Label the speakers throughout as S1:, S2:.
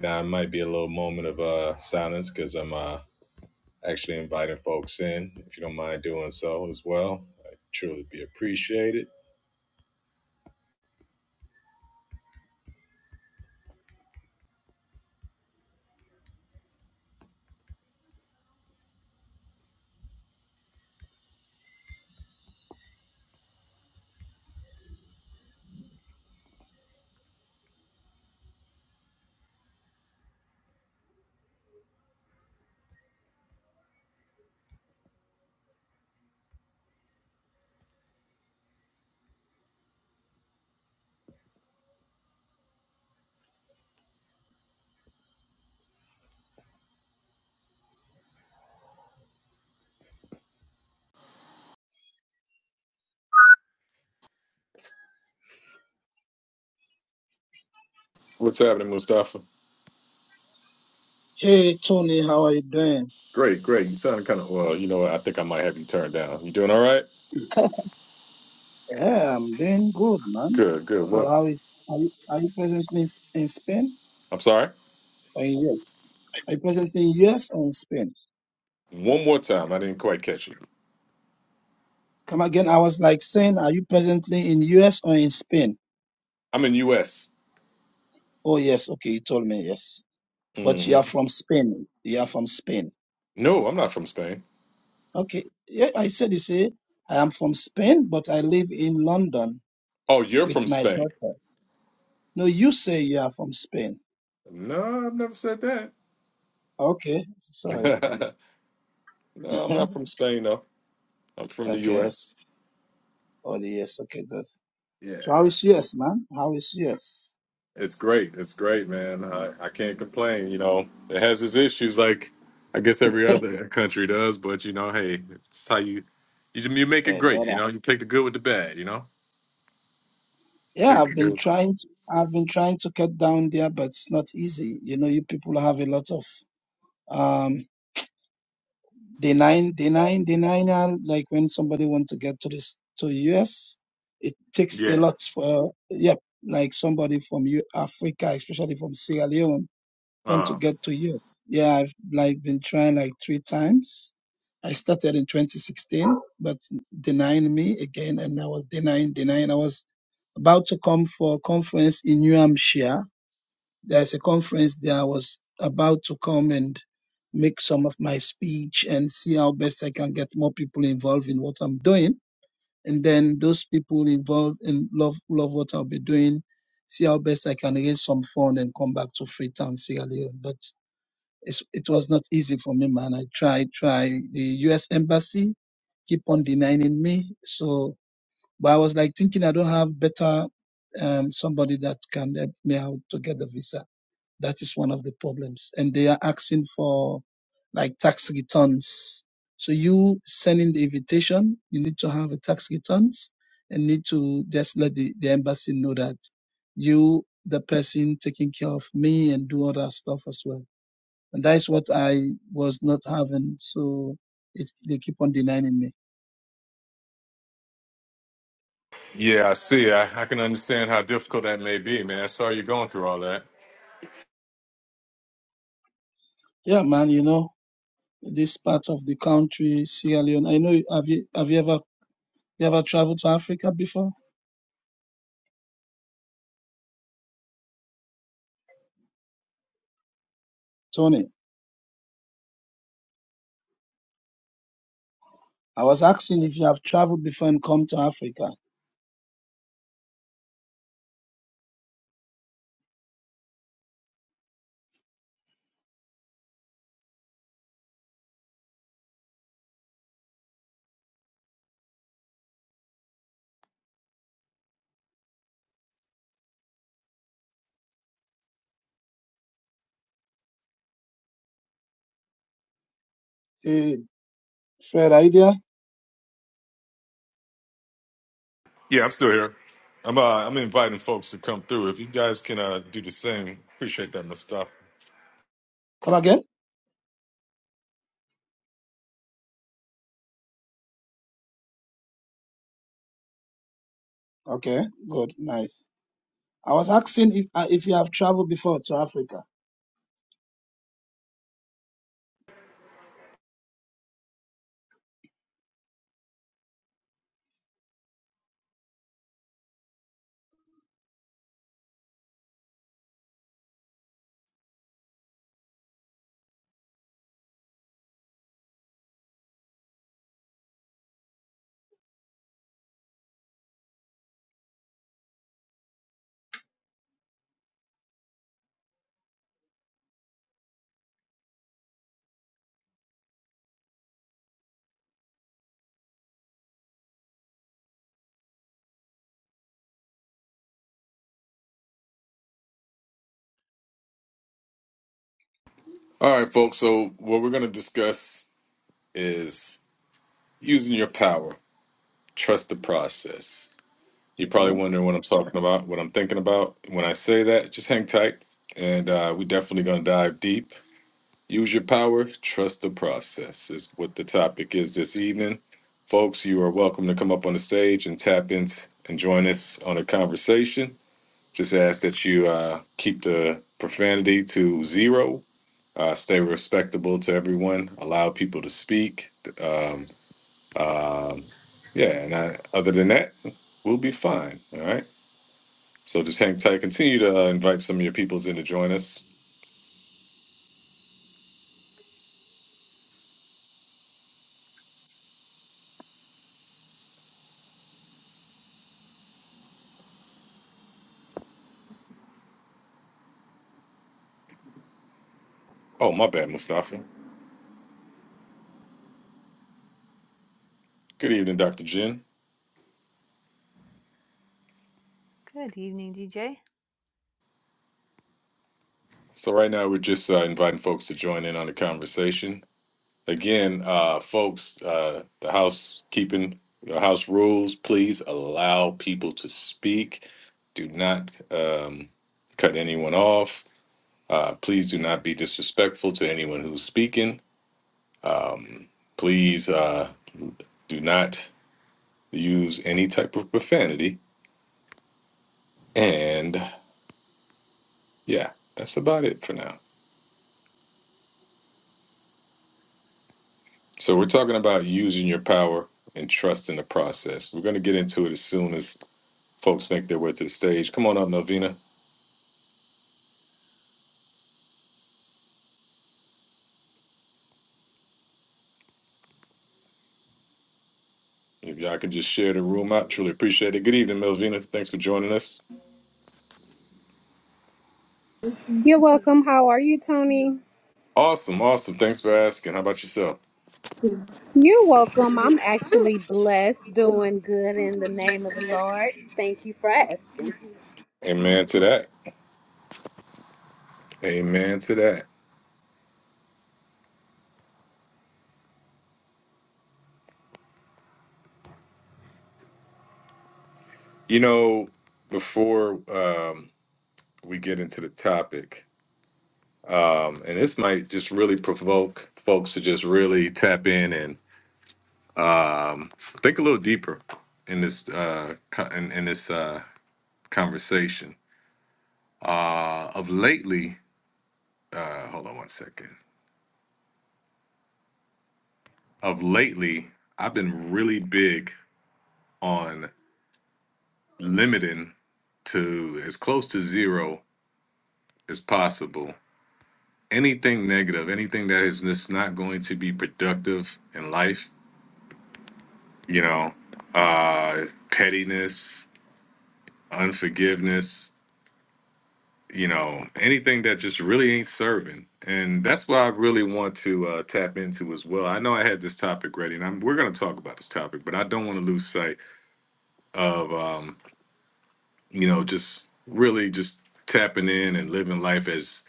S1: Now it might be a little moment of uh, silence because I'm uh, actually inviting folks in. If you don't mind doing so as well, I truly be appreciated. What's happening, Mustafa?
S2: Hey Tony, how are you doing?
S1: Great, great. You sound kind of well. You know, what? I think I might have you turned down. You doing all right? Yeah.
S2: Yeah, I'm doing good, man.
S1: Good, good.
S2: So
S1: Well,
S2: how is are you, are you presently in S- in Spain
S1: I'm sorry.
S2: or in US? Are you presently in US or in Spain?
S1: One more time. I didn't quite catch you.
S2: Come again. I was like saying, are you presently in US or in Spain?
S1: I'm in U.S.
S2: Oh yes, okay, you told me yes. But you
S1: hmm
S2: are from Spain. You are from Spain.
S1: No, I'm not from Spain.
S2: Okay. Yeah, I said you say I am from Spain, but I live in London
S1: Oh, you're
S2: with
S1: from
S2: my
S1: Spain.
S2: daughter. No, you say you are from Spain.
S1: No, I've never said that.
S2: Okay, sorry.
S1: no, I'm not from Spain though. I'm from the
S2: okay.
S1: U.S.
S2: Oh yes, okay, good. So how
S1: Yeah.
S2: is yours, man? How is yours?
S1: It's great. It's great, man. I, I can't complain. You know, it has its issues, like I guess every other country does. But you know, hey, it's how you you you make it
S2: Eh,
S1: great. You
S2: brother.
S1: know, you take the good with the bad. You know, take
S2: Yeah, I've
S1: the
S2: been
S1: good.
S2: trying to I've been trying to cut down there, but it's not easy. You know, you people have a lot of um denying denying denying uh, like when somebody wants to get to this to US, it takes a
S1: Yeah.
S2: lot for yep, like somebody from U- Africa, especially from Sierra Leone. want to
S1: Uh,
S2: get to youth. Yeah, I've like been trying like three times. I started in 2016, but denying me again, and I was denying, denying. I was about to come for a conference in New Hampshire. There's a conference there. I was about to come and make some of my speech and see how best I can get more people involved in what I'm doing. And then those people involved and love love what I'll be doing, see how best I can raise some fund and come back to Freetown, Sierra Leone. But it's, it was not easy for me, man. I tried, tried. The U.S. embassy keep on denying me. So, but I was like thinking I don't have better um, somebody that can help me out to get the visa. That is one of the problems. And they are asking for like tax returns. So you sending the invitation, you need to have a tax returns and need to just let the, the embassy know that you, the person taking care of me and do other stuff as well and that is what I was not having. So it's, they keep on denying me.
S1: yeah, I see. I, I can understand how difficult that may be, man. Sorry you're going through all that.
S2: Yeah, man, you know, this part of the country, Sierra Leone. I know, have you, have you ever, you ever traveled to Africa before? Tony, I was asking if you have traveled before and come to Africa. Hey, fair idea.
S1: Yeah, I'm still here. I'm uh, I'm inviting folks to come through. If you guys can uh, do the same, appreciate that, Mustafa.
S2: Come again? Okay, good, nice. I was asking if, uh, if you have traveled before to Africa.
S1: All right, folks. So what we're gonna discuss is using your power. Trust the process. You're
S2: Okay.
S1: probably wondering what I'm talking about, what I'm thinking about. When I say that, just hang tight, and uh, we're definitely going to dive deep. Use your power, trust the process is what the topic is this evening. Folks, you are welcome to come up on the stage and tap in and join us on a conversation. Just ask that you uh, keep the profanity to zero uh, stay respectable to everyone, allow people to speak. Um, um, yeah, and I, other than that, we'll be fine. All right. So just hang tight. Continue to uh, invite some of your peoples in to join us. Oh, my bad, Mustafa. Good evening, Dr. Jin.
S3: Good evening, DJ.
S1: So right now we're just uh, inviting folks to join in on the conversation. Again, uh, folks, uh, the housekeeping, the house rules. Please allow people to speak. Do not um, cut anyone off. Uh, please do not be disrespectful to anyone who's speaking. Please. Uh, Do not use any type of profanity. And yeah, that's about it for now. So we're talking about using your power and trust in the process. We're going to get into it as soon as folks make their way to the stage. Come on up, Melvina. If y'all could just share the room out, truly appreciate it. Good evening, Melvina. Thanks for joining us.
S4: You're welcome. How are you, Tony?
S1: Awesome, awesome. Thanks for asking. How about yourself?
S4: You're welcome. I'm actually blessed, doing good in the name of the Lord. Thank you for asking.
S1: Amen to that. Amen to that. You know, before um, we get into the topic, um, and this might just really provoke folks to just really tap in and um, think a little deeper in this uh, co- in, in this uh, conversation. Uh, of lately, uh, hold on one second. Of lately, I've been really big on limiting to as close to zero as possible anything negative, anything that is just not going to be productive in life. You know, uh, pettiness, unforgiveness, you know, anything that just really ain't serving. And that's why I really want to uh, tap into as well. I know I had this topic ready, and I'm, we're going to talk about this topic, but I don't want to lose sight of, um, you know, just really just tapping in and living life as,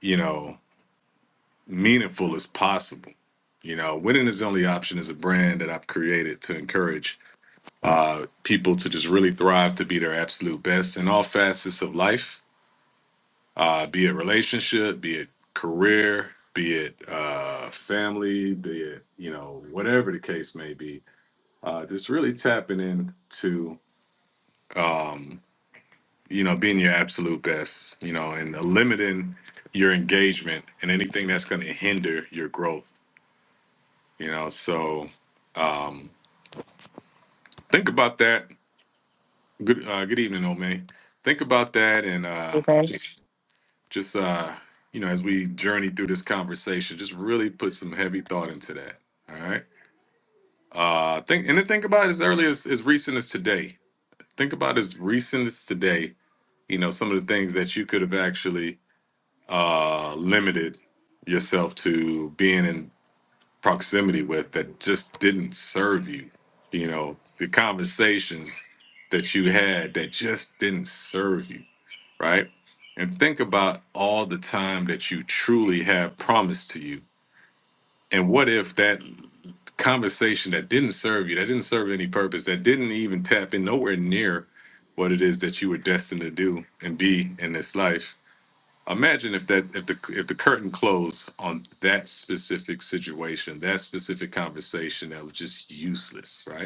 S1: you know, meaningful as possible. You know, Winning is the Only Option is a brand that I've created to encourage uh, people to just really thrive to be their absolute best in all facets of life uh, be it relationship, be it career, be it uh, family, be it you know whatever the case may be. Uh, just really tapping into um, you know being your absolute best, you know, and limiting your engagement and anything that's going to hinder your growth. You know, so um, think about that. Good uh, good evening, Omay. Think about that and uh,
S5: Amen.
S1: just Just uh, you know, as we journey through this conversation, just really put some heavy thought into that. All right. Uh think and then think about it as early as, as recent as today. Think about as recent as today, you know, some of the things that you could have actually uh limited yourself to being in proximity with that just didn't serve you. You know, the conversations that you had that just didn't serve you right? And think about all the time that you truly have promised to you. And what if that conversation that didn't serve you, that didn't serve any purpose, that didn't even tap in nowhere near what it is that you were destined to do and be in this life? Imagine if that if the if the curtain closed on that specific situation, that specific conversation that was just useless, right?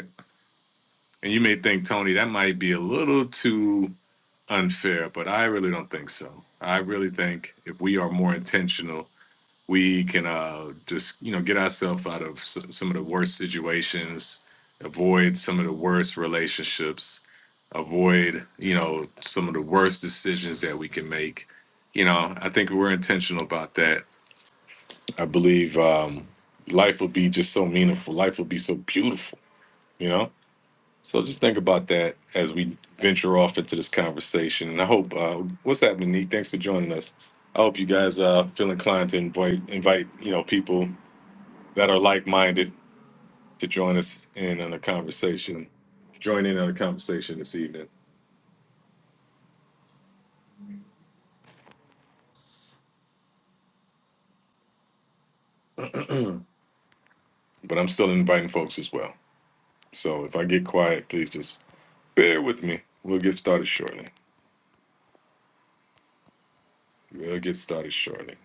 S1: And you may think, Tony, that might be a little too unfair, but I really don't think so. I really think if we are more intentional, we can uh, just you know get ourselves out of s- some of the worst situations, avoid some of the worst relationships, avoid you know some of the worst decisions that we can make. You know, I think we're intentional about that. I believe um, life will be just so meaningful. Life will be so beautiful. You know so just think about that as we venture off into this conversation. And I hope uh, what's happening, Neek. Thanks for joining us. I hope you guys uh, feel inclined to invite invite you know people that are like minded to join us in on a conversation, join in on a conversation this evening. But I'm still inviting folks as well. So if I get quiet, please just bear with me. We'll get started shortly. We'll get started shortly.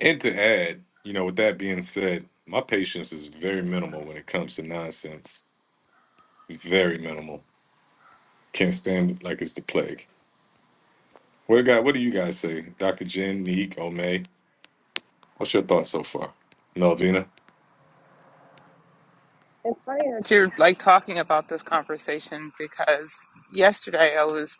S1: And to add, you know, with that being said, my patience is very minimal when it comes to nonsense Very minimal. Can't stand it like it's the plague. What guy? What do you guys say, Doctor Jen, Neek, Omay? What's your thoughts so far, Melvina?
S6: It's funny that you're like talking about this conversation because yesterday I was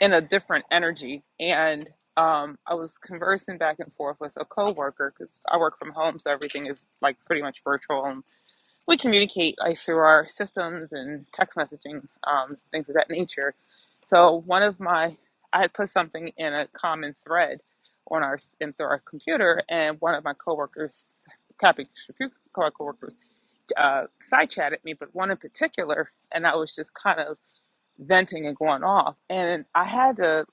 S6: in a different energy and um, I was conversing back and forth with a coworker because I work from home, so everything is like pretty much virtual, and we communicate like through our systems and text messaging, um, things of that nature. So one of my, I had put something in a common thread on our in through our computer, and one of my coworkers, copy, co-worker uh, side chat at me, but one in particular, and I was just kind of venting and going off, and I had to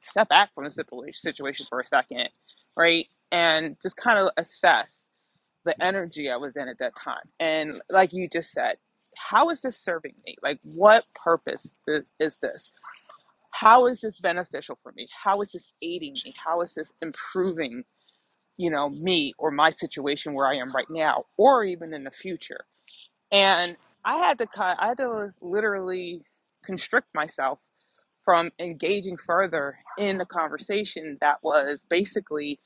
S6: step back from the situation for a second, right, and just kind of assess the energy I was in at that time, and like you just said, how is this serving me? Like, what purpose is, is this? How is this beneficial for me? How is this aiding me? How is this improving, you know, me or my situation where I am right now, or even in the future? and I had to cut. I had to literally constrict myself from engaging further in a conversation that was basically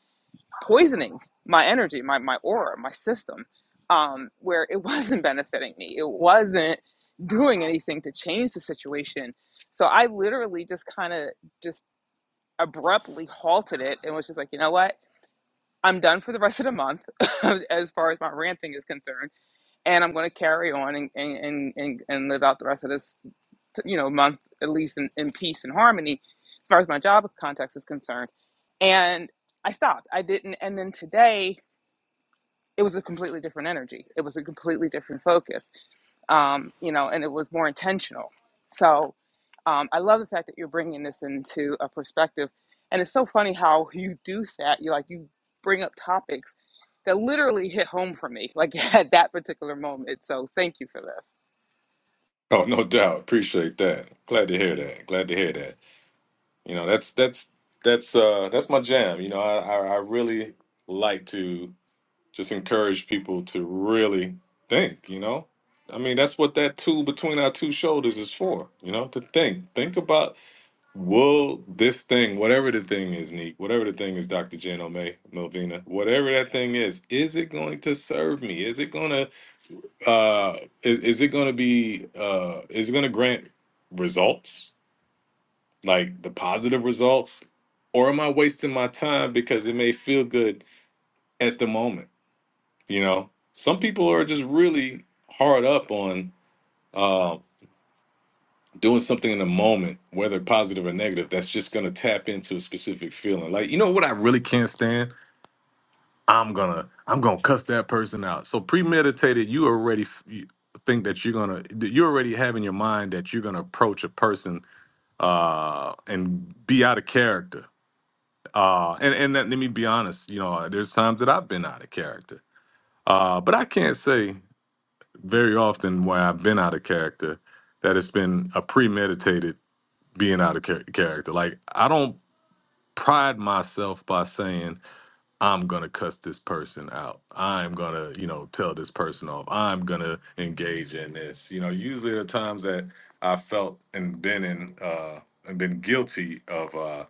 S6: poisoning my energy, my my aura, my system, um, where it wasn't benefiting me. It wasn't doing anything to change the situation. So I literally just kind of just abruptly halted it and was just like, you know what? I'm done for the rest of the month as far as my ranting is concerned and I'm going to carry on and, and, and, and live out the rest of this, you know, month at least in, in peace and harmony, as far as my job context is concerned. And I stopped. I didn't. And then today, it was a completely different energy. It was a completely different focus um, you know, and it was more intentional. So um, I love the fact that you're bringing this into a perspective, and it's so funny how you do that. You like you bring up topics that literally hit home for me, like at that particular moment. So thank you for this.
S1: Oh, no doubt. Appreciate that. Glad to hear that. Glad to hear that. You know, that's that's that's uh that's my jam. You know, I I, I really like to just encourage people to really think. You know, I mean, that's what that tool between our two shoulders is for. You know, to think, think about Will this thing, whatever the thing is, Neek, whatever the thing is, Dr. Jan O'May, Melvina, whatever that thing is, is it going to serve me? Is it going to, uh, is, is it going to be, uh, is it going to grant results, like the positive results? Or am I wasting my time because it may feel good at the moment? You know, some people are just really hard up on, um, doing something in the moment, whether positive or negative, that's just gonna tap into a specific feeling. Like, you know what I really can't stand? I'm gonna I'm gonna cuss that person out. So premeditated, you already f- you think that you're gonna that you already have in your mind that you're gonna approach a person uh and be out of character. Uh and, and let me be honest, you know, there's times that I've been out of character. Uh but I can't say very often where I've been out of character that it's been a premeditated being out of char- character. Like I don't pride myself by saying I'm gonna cuss this person out. I'm gonna, you know, tell this person off. I'm gonna engage in this. You know, usually the times that I felt and been in uh and been guilty of uh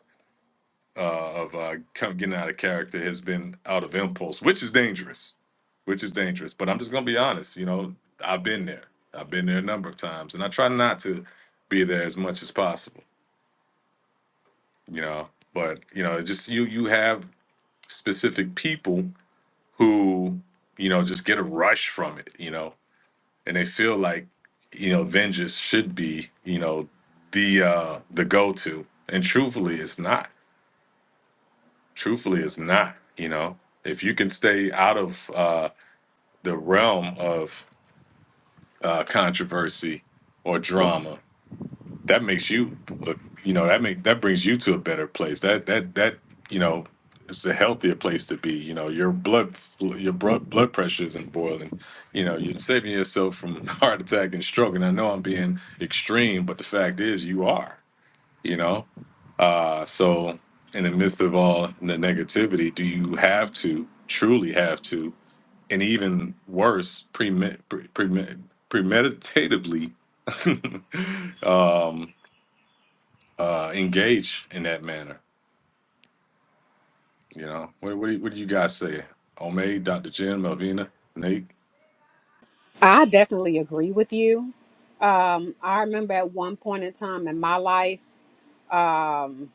S1: uh, of uh, kind of getting out of character has been out of impulse, which is dangerous, which is dangerous. But I'm just gonna be honest. You know, I've been there. I've been there a number of times, and I try not to be there as much as possible you know but you know just you you have specific people who you know just get a rush from it you know and they feel like you know vengeance should be you know the uh the go-to and truthfully it's not truthfully it's not you know if you can stay out of uh the realm of uh controversy or drama that makes you look you know that make that brings you to a better place that that that you know it's a healthier place to be you know your blood fl- your blood blood pressure isn't boiling you know you're saving yourself from heart attack and stroke and i know i'm being extreme but the fact is you are you know uh so in the midst of all the negativity do you have to truly have to and even worse premed, pre, premed, premeditatively uh engage in that manner You know, what what, do you- what do you guys say? Omay, Dr. Jim, Melvina, Nate.
S4: I definitely agree with you. Um, I remember at one point in time in my life, um,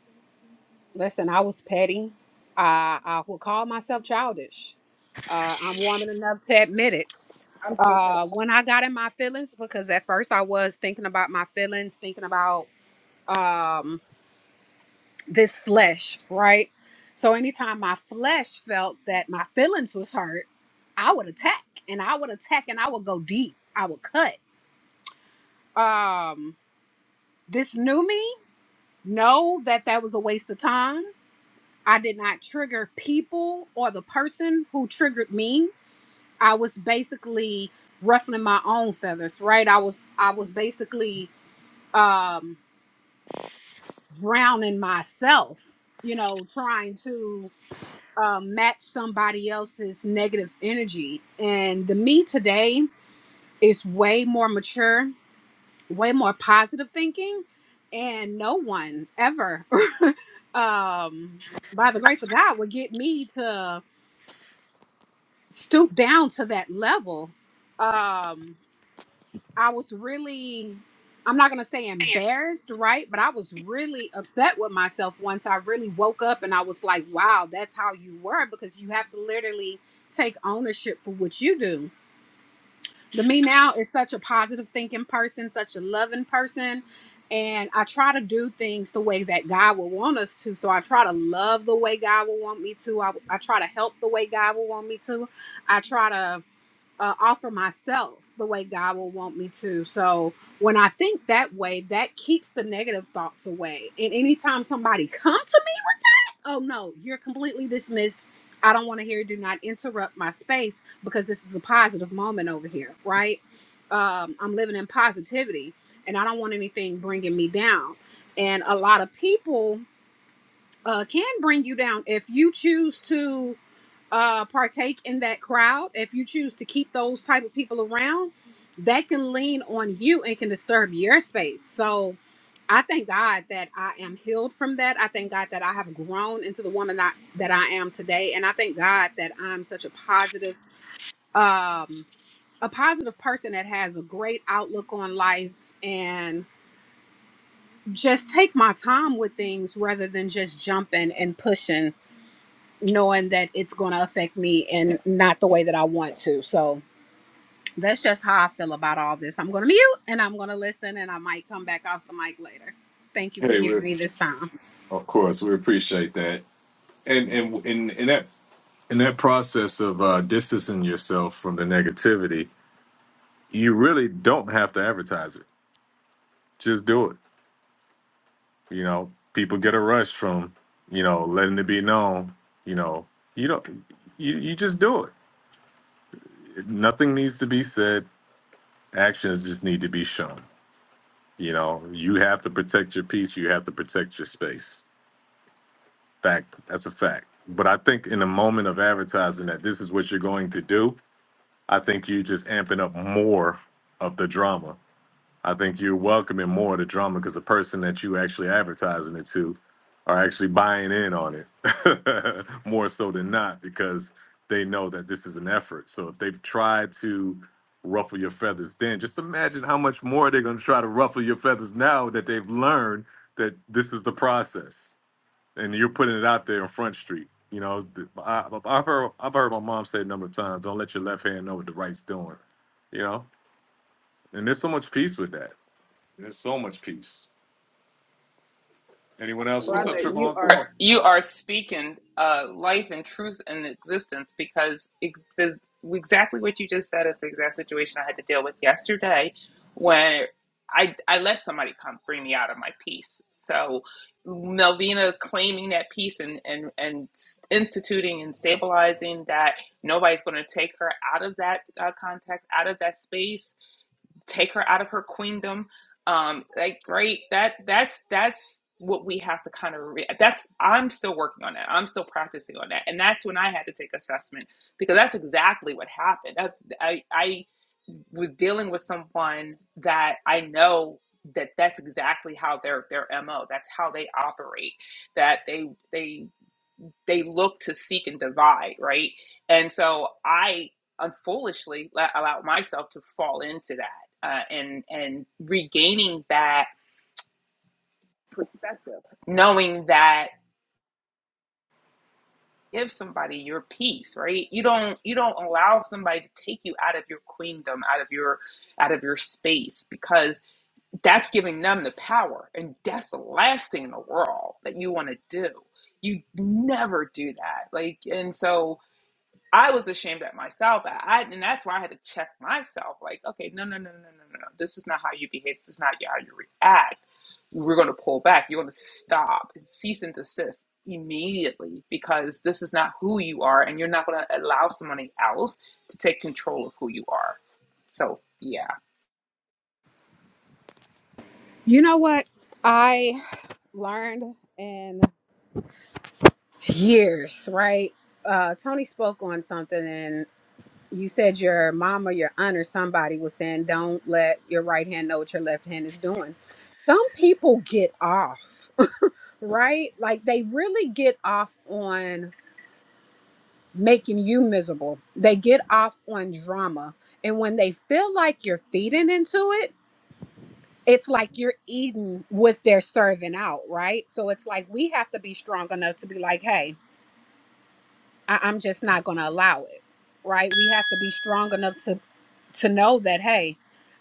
S4: listen, I was petty. I, I would call myself childish. Uh, I'm warm enough to admit it.
S6: I'm still petty.
S4: Uh, when I got in my feelings, because at first I was thinking about my feelings, thinking about. um, this flesh, right? So anytime my flesh felt that my feelings was hurt, I would attack and I would attack and I would go deep. I would cut. Um this new me know that that was a waste of time. I did not trigger people or the person who triggered me. I was basically ruffling my own feathers, right? I was I was basically um drowning myself, you know, trying to um, match somebody else's negative energy. And the me today is way more mature, way more positive thinking, and no one ever, um, by the grace of God, would get me to stoop down to that level. Um, I was really, I'm not going to say embarrassed, right? But I was really upset with myself once I really woke up and I was like, wow, that's how you were because you have to literally take ownership for what you do. The me now is such a positive thinking person, such a loving person. And I try to do things the way that God would want us to. So I try to love the way God would want me to. I, I try to help the way God would want me to. I try to uh, offer myself the way God will want me to. So when I think that way, that keeps the negative thoughts away. And anytime somebody come to me, oh no, you're completely dismissed. I don't want to hear. you. Do not interrupt my space because this is a positive moment over here, right? Um, I'm living in positivity, and I don't want anything bringing me down. And a lot of people uh, can bring you down if you choose to uh, partake in that crowd, if you choose to keep those type of people around, that can lean on you and can disturb your space. So I thank God that I am healed from that. I thank God that I have grown into the woman that, that I am today. And I thank God that I'm such a positive, um, a positive person that has a great outlook on life and just take my time with things rather than just jumping and pushing knowing that it's going to affect me and not the way that I want to. So that's just how I feel about all this. I'm going to mute and I'm going to listen and I might come back off the mic later. Thank you for
S1: Hey, we
S4: giving me this time.
S1: of course we appreciate that, and and in in that in that process of uh, distancing yourself from the negativity, you really don't have to advertise it. Just do it. You know, people get a rush from you know letting it be known. You know, you don't you you just do it. Nothing needs to be said. Actions just need to be shown. You know, you have to protect your peace. You have to protect your space Fact. That's a fact. But I think in the moment of advertising that this is what you're going to do, I think you're just amping up more of the drama. I think you're welcoming more of the drama because the person that you actually advertising it to are actually buying in on it more so than not because they know that this is an effort. So if they've tried to ruffle your feathers then, just imagine how much more they're going to try to ruffle your feathers now that they've learned that this is the process and you're putting it out there on Front Street. You know, I, I've heard I've heard my mom say a number of times, "Don't let your left hand know what the right's doing." You know, and there's so much peace with that. There's so much peace. Anyone else? What's up,
S6: Brother, you
S1: Trevon?
S6: are
S1: Come on.
S6: you are speaking uh, life and truth and existence because ex- the, exactly what you just said is the exact situation I had to deal with yesterday when I I let somebody come bring me out of my peace. So Melvina claiming that peace and and and instituting and stabilizing that nobody's going to take her out of that uh, context, out of that space take her out of her queendom. Um, like, great. That that's that's what we have to kind of. Re- that's I'm still working on that. I'm still practicing on that, and that's when I had to take assessment because that's exactly what happened. That's I I was dealing with someone that I know that that's exactly how their their mo that's how they operate that they they they look to seek and divide, right? And so I unfoolishly let, allowed myself to fall into that, uh, and and regaining that perspective, knowing that give somebody your peace, right? You don't you don't allow somebody to take you out of your queendom, out of your out of your space, because that's giving them the power, and that's the last thing in the world that you want to do. You never do that, like, and so I was ashamed at myself. I, I and that's why I had to check myself. Like, okay, no, no, no, no, no, no, no. This is not how you behave. This is not how you react. We're going to pull back. You're going to stop and cease and desist immediately because this is not who you are, and you're not going to allow somebody else to take control of who you are. So, yeah,
S4: You know what? I learned in years, right? Uh, Tony spoke on something and. you said your mom or your aunt or somebody was saying don't let your right hand know what your left hand is doing some people get off right like they really get off on making you miserable they get off on drama and when they feel like you're feeding into it it's like you're eating what they're serving out right so it's like we have to be strong enough to be like hey I, I'm just not going to allow it. Right? We have to be strong enough to to know that hey,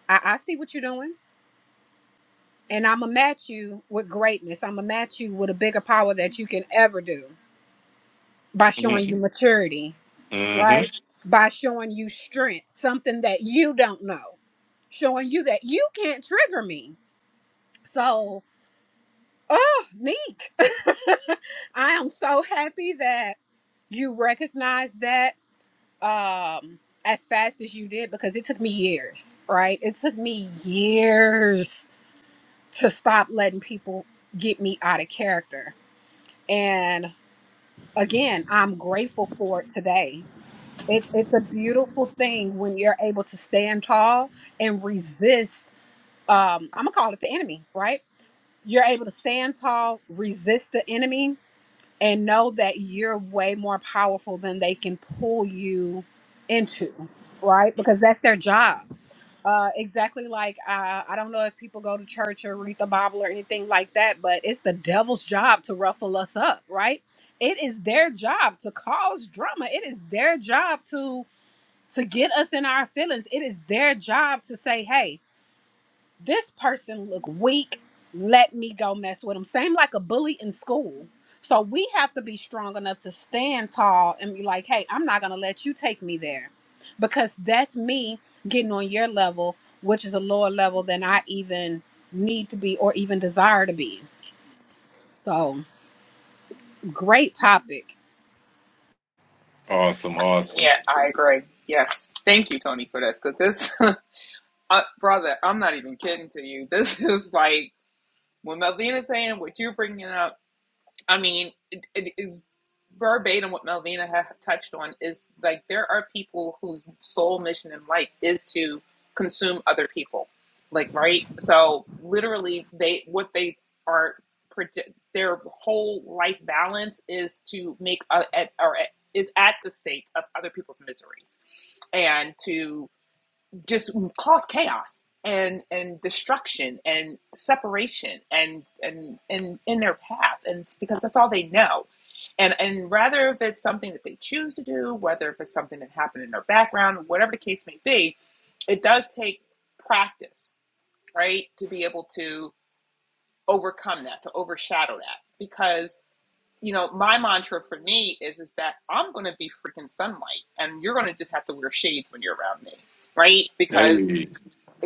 S4: I, I see what you're doing, and I'm gonna match you with greatness. I'm gonna match you with a bigger power that you can ever do by showing you maturity,
S1: Mm-hmm.
S4: right? By showing you strength, something that you don't know, showing you that you can't trigger me. So, oh, Neek, I am so happy that you recognize that um as fast as you did because it took me years, right? It took me years to stop letting people get me out of character. And again, I'm grateful for it today. It, it's a beautiful thing when you're able to stand tall and resist um I'm gonna call it the enemy, right? You're able to stand tall, resist the enemy, and know that you're way more powerful than they can pull you into, right? Because that's their job. Uh, exactly like uh, I don't know if people go to church or read the Bible or anything like that, but it's the devil's job to ruffle us up, right? It is their job to cause drama. It is their job to to get us in our feelings. It is their job to say, "Hey, this person look weak let me go mess with him same like a bully in school so we have to be strong enough to stand tall and be like hey i'm not gonna let you take me there because that's me getting on your level which is a lower level than i even need to be or even desire to be so great topic
S1: Awesome, awesome.
S6: yeah, I agree. Yes, thank you, Tony, for this. Because this, uh, brother, I'm not even kidding to you. This is like when Melvina's saying what you're bringing up I mean, it, it is verbatim what Melvina ha- touched on is like there are people whose sole mission in life is to consume other people, like right. So literally, they what they are their whole life balance is to make uh, at, or at, is at the sake of other people's miseries and to just cause chaos and and destruction and separation and and and in their path and because that's all they know and and rather if it's something that they choose to do whether if it's something that happened in their background whatever the case may be it does take practice right to be able to overcome that to overshadow that because you know my mantra for me is is that i'm going to be freaking sunlight and you're going to just have to wear shades when you're around me right Because
S1: Hey,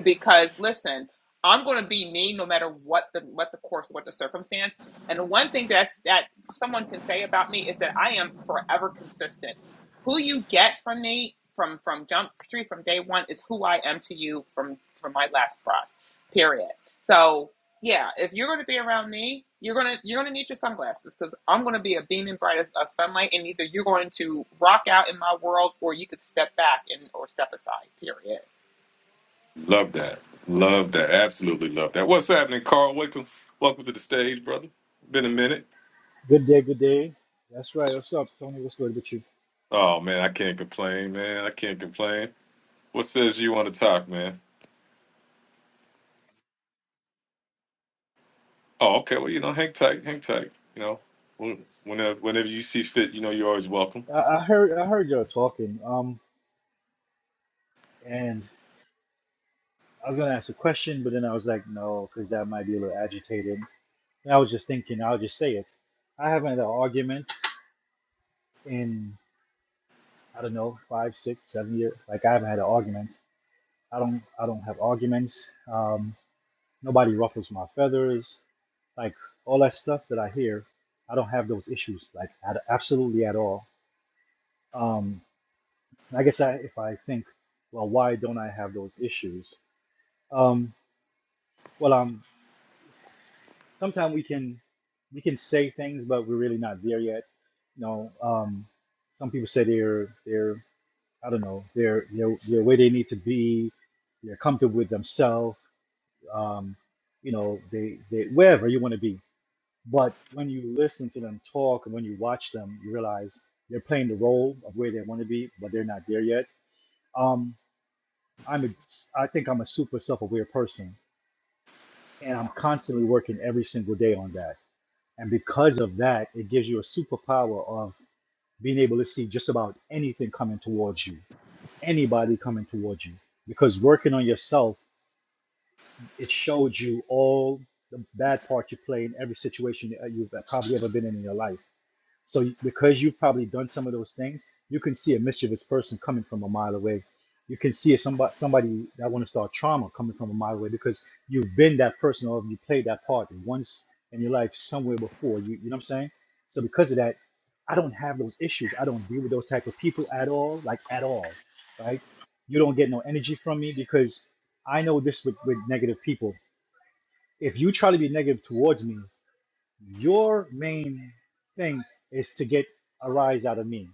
S6: because listen i'm going to be me no matter what the what the course what the circumstance and one thing that's that someone can say about me is that i am forever consistent who you get from me from from jump street from day one is who i am to you from from my last breath period so yeah if you're going to be around me you're going to you're going to need your sunglasses because i'm going to be a beaming bright as of sunlight and either you're going to rock out in my world or you could step back and or step aside period
S1: love that. Love that. Absolutely love that. What's happening, Carl? Welcome, welcome to the stage, brother. Been a minute.
S7: Good day, good day. That's right. What's up, Tony? What's good with you?
S1: Oh man, I can't complain, man. I can't complain. What says you on the top, man? Oh, okay. Well, you know, hang tight, hang tight. You know, When- whenever whenever you see fit, you know, you're always welcome.
S7: I, I heard, I heard y'all talking. Um, and I was gonna ask a question, but then I was like, no, because that might be a little agitated. And I was just thinking, I'll just say it. I haven't had an argument in I don't know five, six, seven years. Like I haven't had an argument. I don't, I don't have arguments. Um, nobody ruffles my feathers. Like all that stuff that I hear, I don't have those issues. Like at, absolutely at all. Um. And I guess I, if I think, well, why don't I have those issues? Um, well, um, sometimes we can we can say things, but we're really not there yet. You know, um, some people say they're they're I don't know they're they're they're where they need to be. They're comfortable with themselves. Um, you know, they they wherever you want to be. But when you listen to them talk and when you watch them, you realize they're playing the role of where they want to be, but they're not there yet. Um, I'm a, I think I'm a super self-aware person, and I'm constantly working every single day on that. And because of that, it gives you a superpower of being able to see just about anything coming towards you, anybody coming towards you. Because working on yourself, it showed you all the bad part you play in every situation that you've probably ever been in in your life. So you- because you've probably done some of those things, you can see a mischievous person coming from a mile away. You can see somebody somebody that want to start trauma coming from a mile away because you've been that person or you played that part once in your life somewhere before. You you know what I'm saying? So because of that, I don't have those issues. I don't deal with those type of people at all, like at all, right? You don't get no energy from me because I know this with, with negative people. If you try to be negative towards me, your main thing is to get a rise out of me,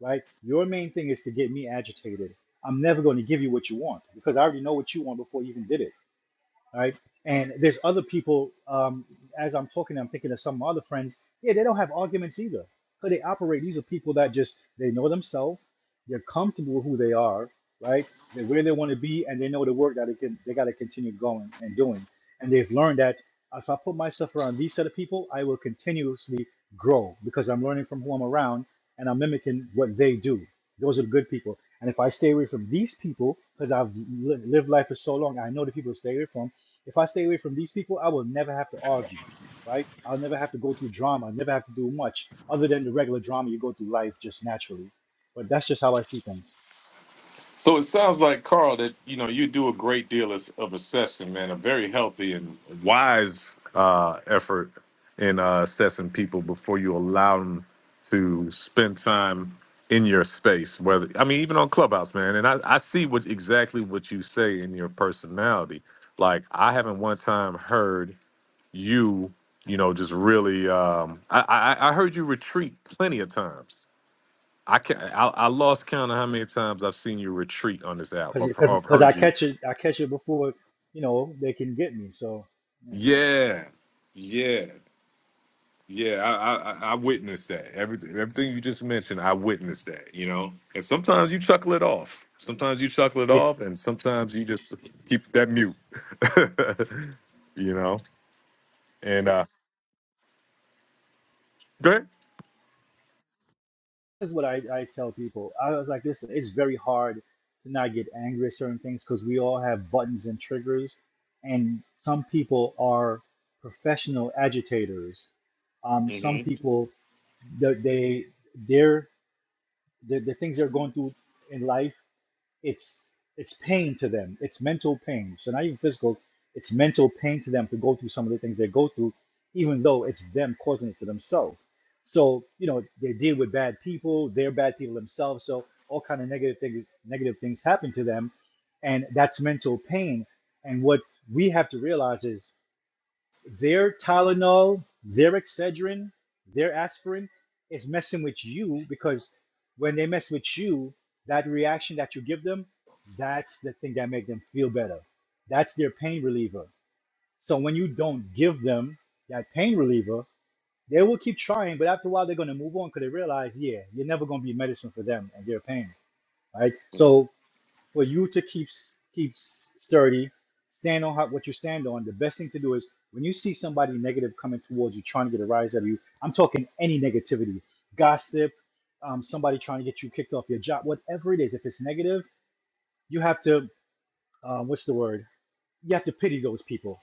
S7: right? Your main thing is to get me agitated. I'm never going to give you what you want because I already know what you want before you even did it right? And there's other people. Um, as I'm talking, I'm thinking of some of my other friends. Yeah, they don't have arguments either. How they operate. These are people that just they know themselves. They're comfortable with who they are, right? They're where they want to be, and they know the work that they can. They got to continue going and doing. And they've learned that if I put myself around these set of people, I will continuously grow because I'm learning from who I'm around, and I'm mimicking what they do. Those are the good people. And if I stay away from these people, because I've li- lived life for so long, I know the people to stay away from if I stay away from these people, I will never have to argue, right? I'll never have to go through drama. I never have to do much other than the regular drama you go through life just naturally. But that's just how I see things,
S1: So it sounds like Carl that you know you do a great deal of, of assessing, man. A very healthy and wise uh, effort in uh, assessing people before you allow them to spend time in your space. Whether I mean, even on Clubhouse, man. And I, I see what exactly what you say in your personality. Like I haven't one time heard you, you know, just really. Um, I, I I heard you retreat plenty of times. I can I, I lost count of how many times I've seen you retreat on this app.
S7: cause,
S1: I've,
S7: cause,
S1: I've
S7: 'cause
S1: heard
S7: I
S1: you.
S7: catch it, I catch it before, you know, they can get me. So you know,
S1: Yeah, yeah, yeah. I, I I I witnessed that. Everything everything you just mentioned, I witnessed that. You know, and sometimes you chuckle it off. Sometimes you chuckle it
S7: it-
S1: off, and sometimes you just keep that mute. you know, and uh, go ahead.
S7: this is what I, I tell people. I was like, listen, it's very hard to not get angry at certain things because we all have buttons and triggers, and some people are professional agitators. Um, some
S1: hmm
S7: people the they their the, the things they're going through in life it's it's pain to them it's mental pain so not even physical it's mental pain to them to go through some of the things they go through even though it's them causing it to themselves so you know they deal with bad people they're bad people themselves so all kind of negative things negative things happen to them and that's mental pain and what we have to realize is their Tylenol, their Excedrin, their aspirin is messing with you because when they mess with you, that reaction that you give them, that's the thing that makes them feel better. That's their pain reliever. So when you don't give them that pain reliever, they will keep trying, but after a while they're gonna move on because they realize, yeah, you're never gonna be medicine for them and their pain, right? So for you to keep s- keep s- sturdy, stand on how, what you stand on. The best thing to do is when you see somebody negative coming towards you, trying to get a rise out of you. I'm talking any negativity, gossip, um, somebody trying to get you kicked off your job, whatever it is. If it's negative, you have to uh, what's the word? You have to pity those people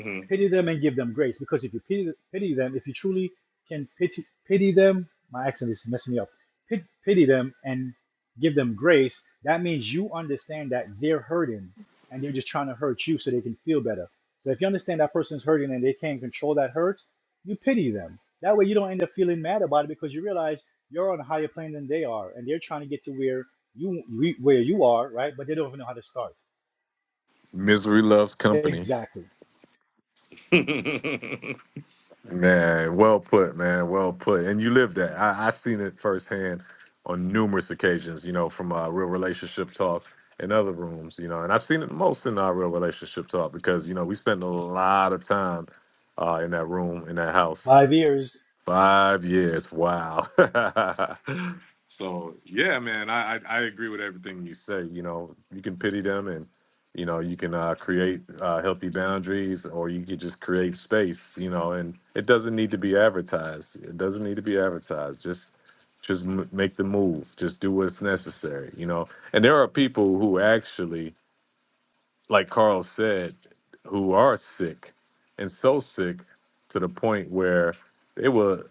S1: hmm
S7: Pity them and give them grace. Because if you pity, pity them, if you truly can pity, pity them, my accent is messing me up. Pit, pity them and give them grace. That means you understand that they're hurting and they're just trying to hurt you so they can feel better. So if you understand that person's hurting and they can't control that hurt, you pity them. That way you don't end up feeling mad about it because you realize you're on a higher plane than they are and they're trying to get to where you re- where you are, right? But they don't even know how to start.
S1: Misery loves company.
S7: Exactly.
S1: Man, well put, man, well put. And you lived that. I, I seen it firsthand on numerous occasions. You know, from uh, real relationship talk and other rooms. You know, and I've seen it most in our real relationship talk because you know we spend a lot of time uh, in that room in that house.
S7: Five years.
S1: Five years. Wow. so yeah, man, I, I I agree with everything you say. You know, you can pity them, and you know, you can uh, create uh, healthy boundaries, or you could just create space. You know, and it doesn't need to be advertised. It doesn't need to be advertised. Just just m- make the move. Just do what's necessary. You know, and there are people who actually, like Carl said, who are sick, and so sick to the point where they will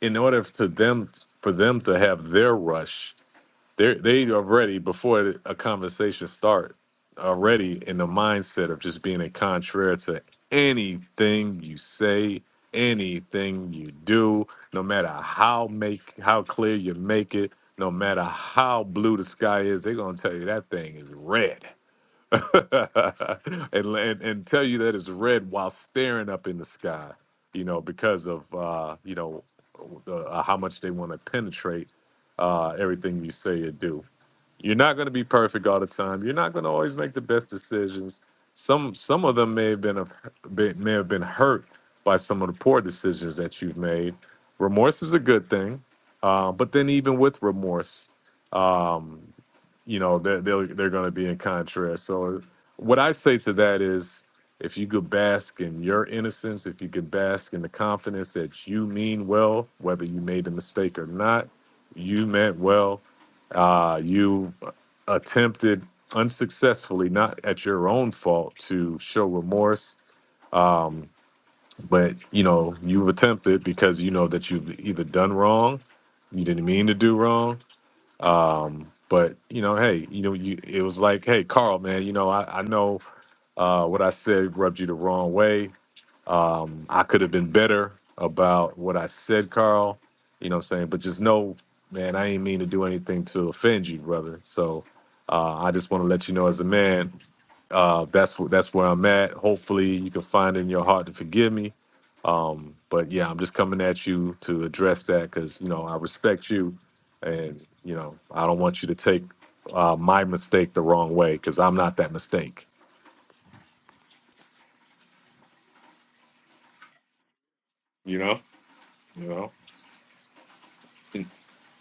S1: in order to them for them to have their rush, they they already before a conversation start already in the mindset of just being a contrary to anything you say, anything you do, no matter how make how clear you make it, no matter how blue the sky is, they're gonna tell you that thing is red. and, and and tell you that it's red while staring up in the sky, you know, because of uh, you know uh, how much they want to penetrate uh, everything you say or do. You're not going to be perfect all the time. You're not going to always make the best decisions. Some some of them may have been, a, been may have been hurt by some of the poor decisions that you've made. Remorse is a good thing, uh, but then even with remorse, um, you know they're they're, they're going to be in contrast so what i say to that is if you could bask in your innocence if you could bask in the confidence that you mean well whether you made a mistake or not you meant well uh, you attempted unsuccessfully not at your own fault to show remorse um, but you know you've attempted because you know that you've either done wrong you didn't mean to do wrong um, but you know, hey, you know, you it was like, hey, Carl, man, you know, I, I know uh, what I said rubbed you the wrong way. Um, I could have been better about what I said, Carl. You know what I'm saying? But just know, man, I ain't mean to do anything to offend you, brother. So uh, I just want to let you know as a man, uh, that's wh- that's where I'm at. Hopefully, you can find it in your heart to forgive me. Um, but yeah, I'm just coming at you to address that because you know I respect you, and you know I don't want you to take uh, my mistake the wrong way because I'm not that mistake. You know, you know.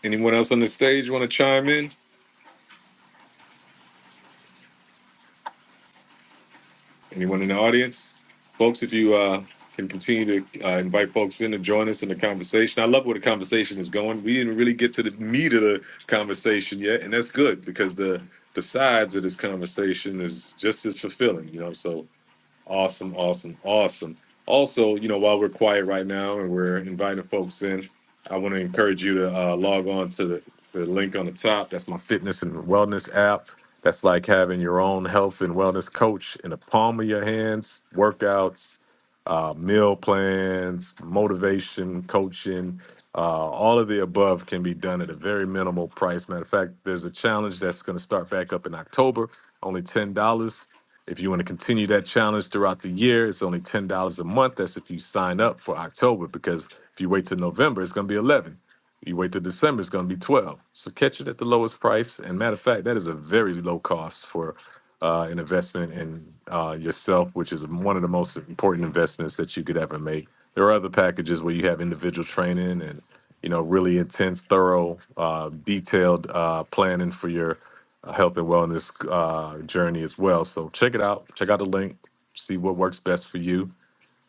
S1: Anyone else on the stage want to chime in? Anyone in the audience, folks? If you uh, can continue to uh, invite folks in to join us in the conversation, I love where the conversation is going. We didn't really get to the meat of the conversation yet, and that's good because the the sides of this conversation is just as fulfilling. You know, so Awesome, awesome, awesome. Also, you know, while we're quiet right now and we're inviting folks in, I want to encourage you to uh, log on to the, the link on the top. That's my fitness and wellness app. That's like having your own health and wellness coach in the palm of your hands, workouts, uh, meal plans, motivation, coaching, uh, all of the above can be done at a very minimal price. Matter of fact, there's a challenge that's going to start back up in October, only $10. If you want to continue that challenge throughout the year, it's only ten dollars a month. That's if you sign up for October, because if you wait till November, it's going to be eleven. dollars. You wait till December, it's going to be 12. So catch it at the lowest price. And matter of fact, that is a very low cost for uh, an investment in uh, yourself, which is one of the most important investments that you could ever make. There are other packages where you have individual training and you know really intense, thorough, uh, detailed uh, planning for your uh, health and wellness uh, journey as well. So check it out. Check out the link. See what works best for you,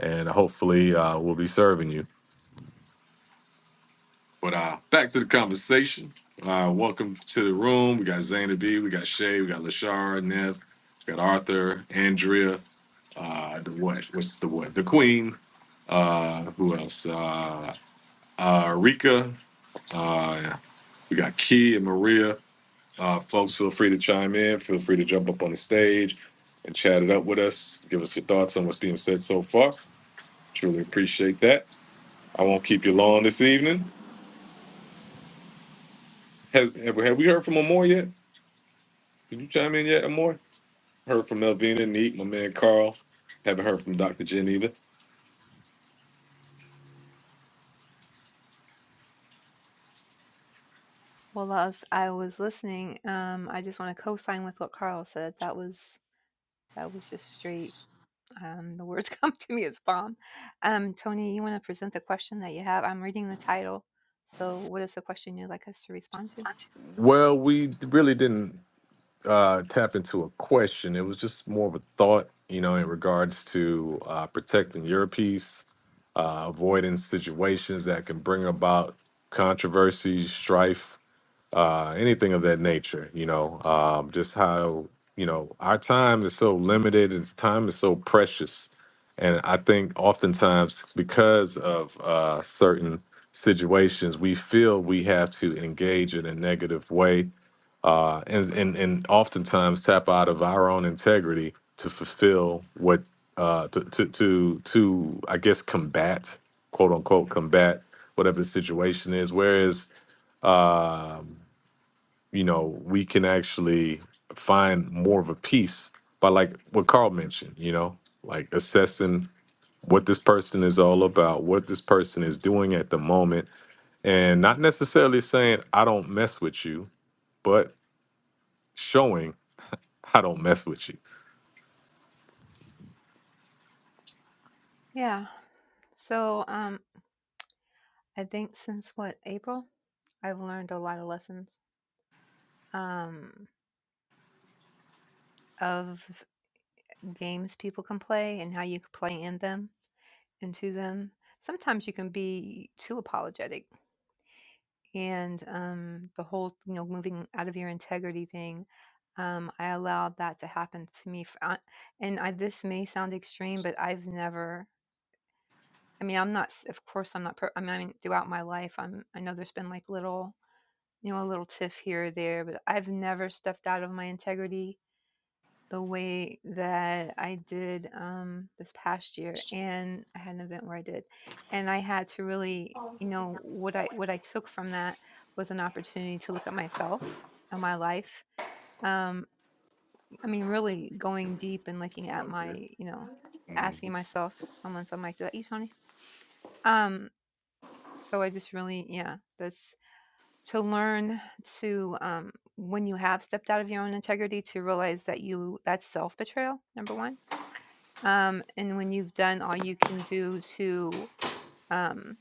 S1: and hopefully uh, we'll be serving you. But uh, back to the conversation. Uh, welcome to the room. We got Zayna B, we got Shay, we got Lashara, Neff, we got Arthur, Andrea, uh, the what? What's the what? The Queen. Uh, who else? Uh, uh, Rika. Uh, we got Key and Maria. Uh, folks, feel free to chime in. Feel free to jump up on the stage and chat it up with us. Give us your thoughts on what's being said so far. Truly appreciate that. I won't keep you long this evening. Has have we have we heard from Amore yet? Did you chime in yet, Amore? Heard from Melvina, Neat, my man Carl. Haven't heard from Dr. Jen either.
S3: Well, as I was listening, um, I just want to co-sign with what Carl said. That was that was just straight. Um, the words come to me as bomb. Um, Tony, you want to present the question that you have? I'm reading the title. So, what is the question you'd like us to respond to?
S1: Well, we really didn't uh, tap into a question. It was just more of a thought, you know, in regards to uh, protecting your peace, uh, avoiding situations that can bring about controversy, strife, uh, anything of that nature. You know, um, just how you know our time is so limited and time is so precious, and I think oftentimes because of uh, certain situations, we feel we have to engage in a negative way, uh, and and and oftentimes tap out of our own integrity to fulfill what uh, to, to to to I guess combat quote unquote combat whatever the situation is. Whereas um you know, we can actually find more of a piece by like what Carl mentioned, you know, like assessing what this person is all about, what this person is doing at the moment, and not necessarily saying I don't mess with you, but showing I don't mess with you.
S3: Yeah. So, um, I think since what April, I've learned a lot of lessons um, of games people can play and how you can play in them, into them. Sometimes you can be too apologetic and um, the whole you know moving out of your integrity thing um, i allowed that to happen to me f- uh, and i this may sound extreme but i've never i mean i'm not s- of course i'm not per- i mean I mean, throughout my life i'm i know there's been like little you know a little tiff here or there but i've never stepped out of my integrity the way that I did, um, this past year, and I had an event where I did, and I had to really you know, what I what I took from that was an opportunity to look at myself and my life. Um, I mean, really going deep and looking at my, you know, asking myself, someone, something like "Did that, you, Tony? Um, so I just really, yeah, that's to learn to, um, when you have stepped out of your own integrity, to realize that you, that's self betrayal, number one um, and when you've done all you can do to um,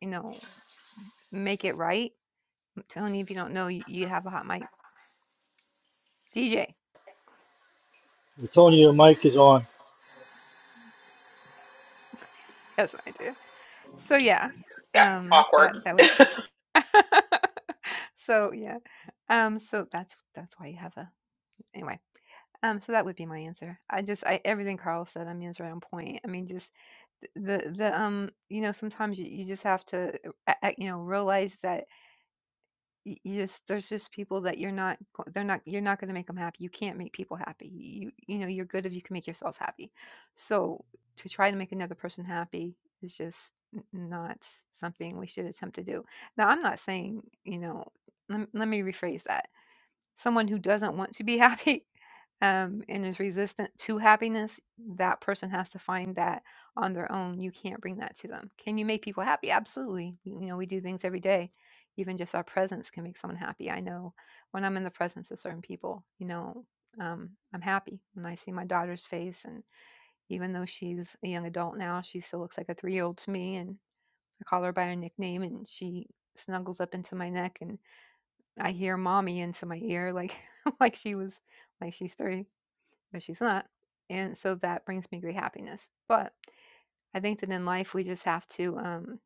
S3: you know make it right tony if you don't know you, you have a hot mic dj
S7: Antonio, your mic is on.
S3: yes i do so yeah
S6: yeah
S3: um
S6: awkward
S3: that that way so yeah um so that's that's why you have a anyway um so that would be my answer i just i everything carl said i mean is right on point i mean just the the um you know sometimes you, you just have to uh, uh, you know realize that Y you just there's just people that you're not go they're not you're not gonna make make them happy, you can't make people happy. You you know, you're good if you can make yourself happy. So, to try to make another person happy is just n not something we should attempt to do. Now, I'm not saying, you know lem let me rephrase that. Someone who doesn't want to be happy um, and is resistant to happiness, that person has to find that on their own. You can't bring that to them. Can you make people happy? Absolutely. You know, we do things every day. Even just our presence can make someone happy. I know when I'm in the presence of certain people, you know, um, I'm happy when I see my daughter's face. And even though she's a young adult now, she still looks like a three year old to me. And I call her by her nickname and she snuggles up into my neck and I hear mommy into my ear like like she was like she's three but she's not. And so that brings me great happiness. But I think that in life, we just have to, um,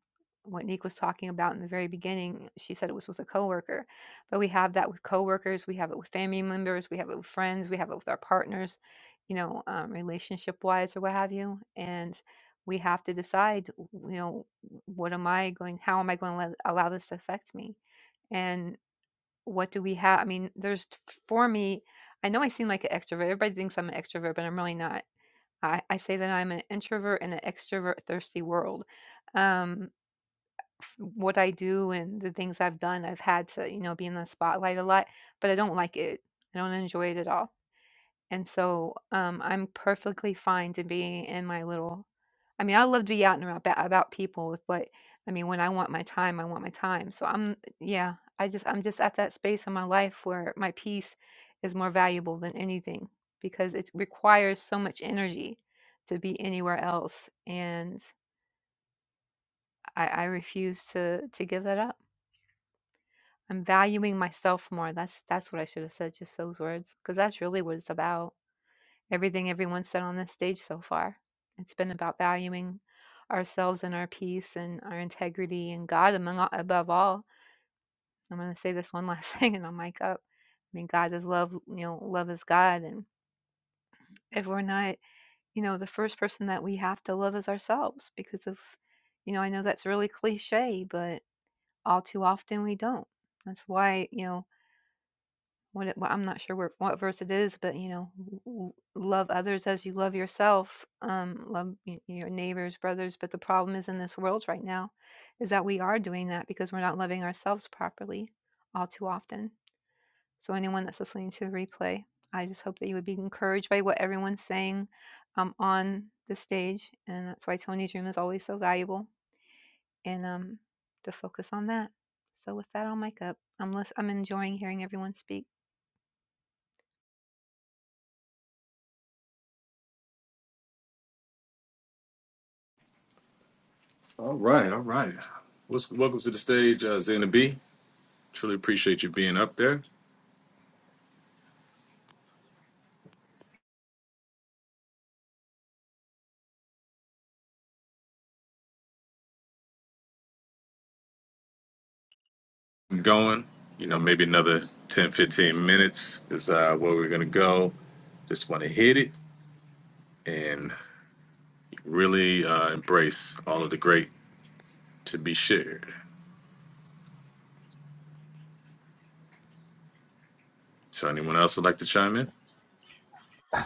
S3: what Nick was talking about in the very beginning, she said it was with a coworker, but we have that with coworkers, we have it with family members, we have it with friends, we have it with our partners, you know, um, relationship wise or what have you. And we have to decide, you know, what am I going, how am I going to let, allow this to affect me? And what do we have? I mean, there's for me, I know I seem like an extrovert. Everybody thinks I'm an extrovert, but I'm really not. I, I say that I'm an introvert in an extrovert thirsty world. Um, f- what I do and the things I've done, I've had to, you know, be in the spotlight a lot, but I don't like it. I don't enjoy it at all. And so, um, I'm perfectly fine to be in my little I mean, I love to be out and about, ba- about people, but I mean, when I want my time, I want my time. So I'm, yeah, I just, I'm just at that space in my life where my peace is more valuable than anything because it requires so much energy to be anywhere else. And I, I refuse to, to give that up. I'm valuing myself more. That's, that's what I should have said, just those words, because that's really what it's about. everything everyone said on this stage so far. It's been about valuing ourselves and our peace and our integrity and God among all, above all. I'm going to say this one last thing and I'll mic up. I mean, God is love, you know, love is God. And if we're not, you know, the first person that we have to love is ourselves because of, you know, I know that's really cliche, but all too often we don't. That's why, you know, What it well, I'm not sure where what verse it is, but, you know, "L l love others as you love yourself, um, love y your neighbors, brothers," but the problem is in this world right now is that we are doing that because we're not loving ourselves properly all too often. So anyone that's listening to the replay, I just hope that you would be encouraged by what everyone's saying, um, on the stage, and that's why Tony's room is always so valuable, and, um, to focus on that. So with that, I'll mic up. I'm lis I'm enjoying hearing everyone speak.
S1: All right, all right. What's, welcome to the stage, uh, Zena B. Truly appreciate you being up there. I'm going, you know, maybe another 10, 15 minutes is uh, where we're going to go. Just want to hit it. and. really uh, embrace all of the great to be shared. So, anyone else would like to chime in?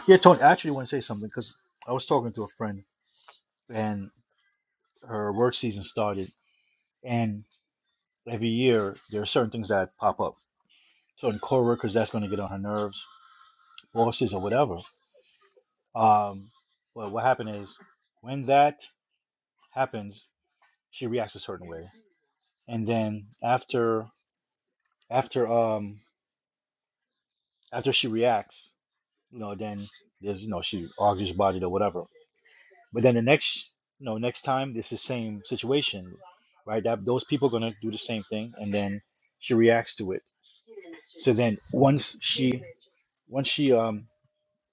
S7: Yeah, Tony, I actually want to say something because I was talking to a friend and her work season started, and every year there are certain things that pop up. Certain coworkers that's going to get on her nerves, bosses or whatever. Um, but what happened is when that happens, she reacts a certain way, and then after after um after she reacts, you know, then there's you know she argues about it or whatever. But then the next, you know, next time this is the same situation, right? That those people are gonna do the same thing, and then she reacts to it. So then once she, once she, um,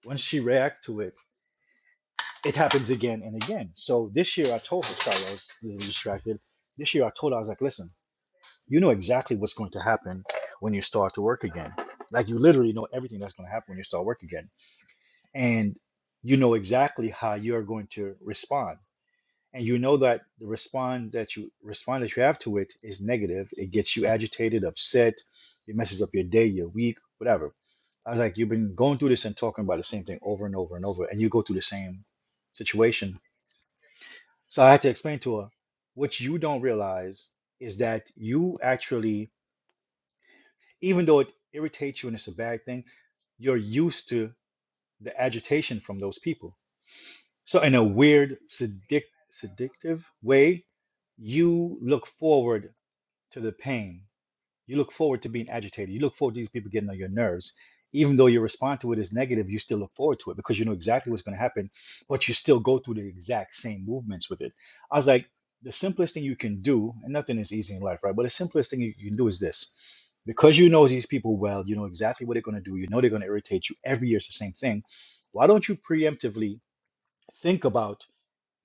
S7: once she react to it, it happens again and again. So this year I told her, sorry, I was a little distracted. This year I told her I was like, listen, you know exactly what's going to happen when you start to work again. Like you literally know everything that's going to happen when you start work again, and you know exactly how you're going to respond and you know that the respond that you respond that you have to it is negative. It gets you agitated, upset. It messes up your day, your week, whatever. I was like, you've been going through this and talking about the same thing over and over and over, and you go through the same situation. So I had to explain to her what you don't realize is that you actually, even though it irritates you and it's a bad thing, you're used to the agitation from those people So in a weird, sedic- seductive way, you look forward to the pain. You look forward to being agitated. You look forward to these people getting on your nerves. Even though your response to it is negative, you still look forward to it because you know exactly what's going to happen, but you still go through the exact same movements with it. I was like, the simplest thing you can do, and nothing is easy in life, right? But the simplest thing you you can do is this. Because you know these people well, you know exactly what they're going to do, you know they're going to irritate you. Every year it's the same thing. Why don't you preemptively think about?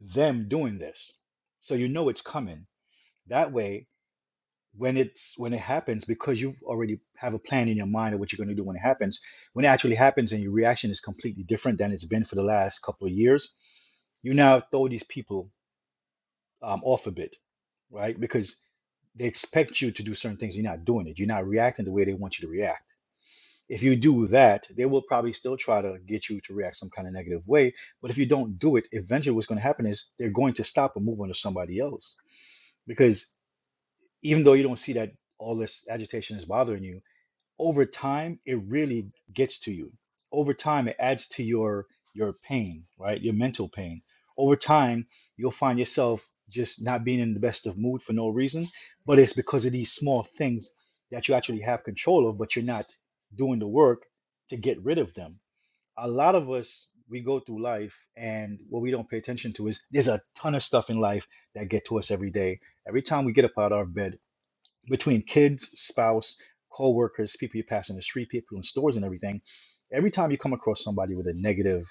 S7: them doing this. So you know it's coming. That way, when it's when it happens, because you already have a plan in your mind of what you're going to do when it happens, when it actually happens and your reaction is completely different than it's been for the last couple of years, you now throw these people um, off a bit, right? Because they expect you to do certain things, you're not doing it. You're not reacting the way they want you to react. If you do that, they will probably still try to get you to react some kind of negative way. But if you don't do it, eventually what's going to happen is they're going to stop and move on to somebody else because even though you don't see that all this agitation is bothering you over time it really gets to you over time it adds to your your pain right your mental pain over time you'll find yourself just not being in the best of mood for no reason but it's because of these small things that you actually have control of but you're not doing the work to get rid of them a lot of us we go through life and what we don't pay attention to is there's a ton of stuff in life that get to us every day every time we get up out of our bed between kids spouse co-workers people you pass in the street people in stores and everything every time you come across somebody with a negative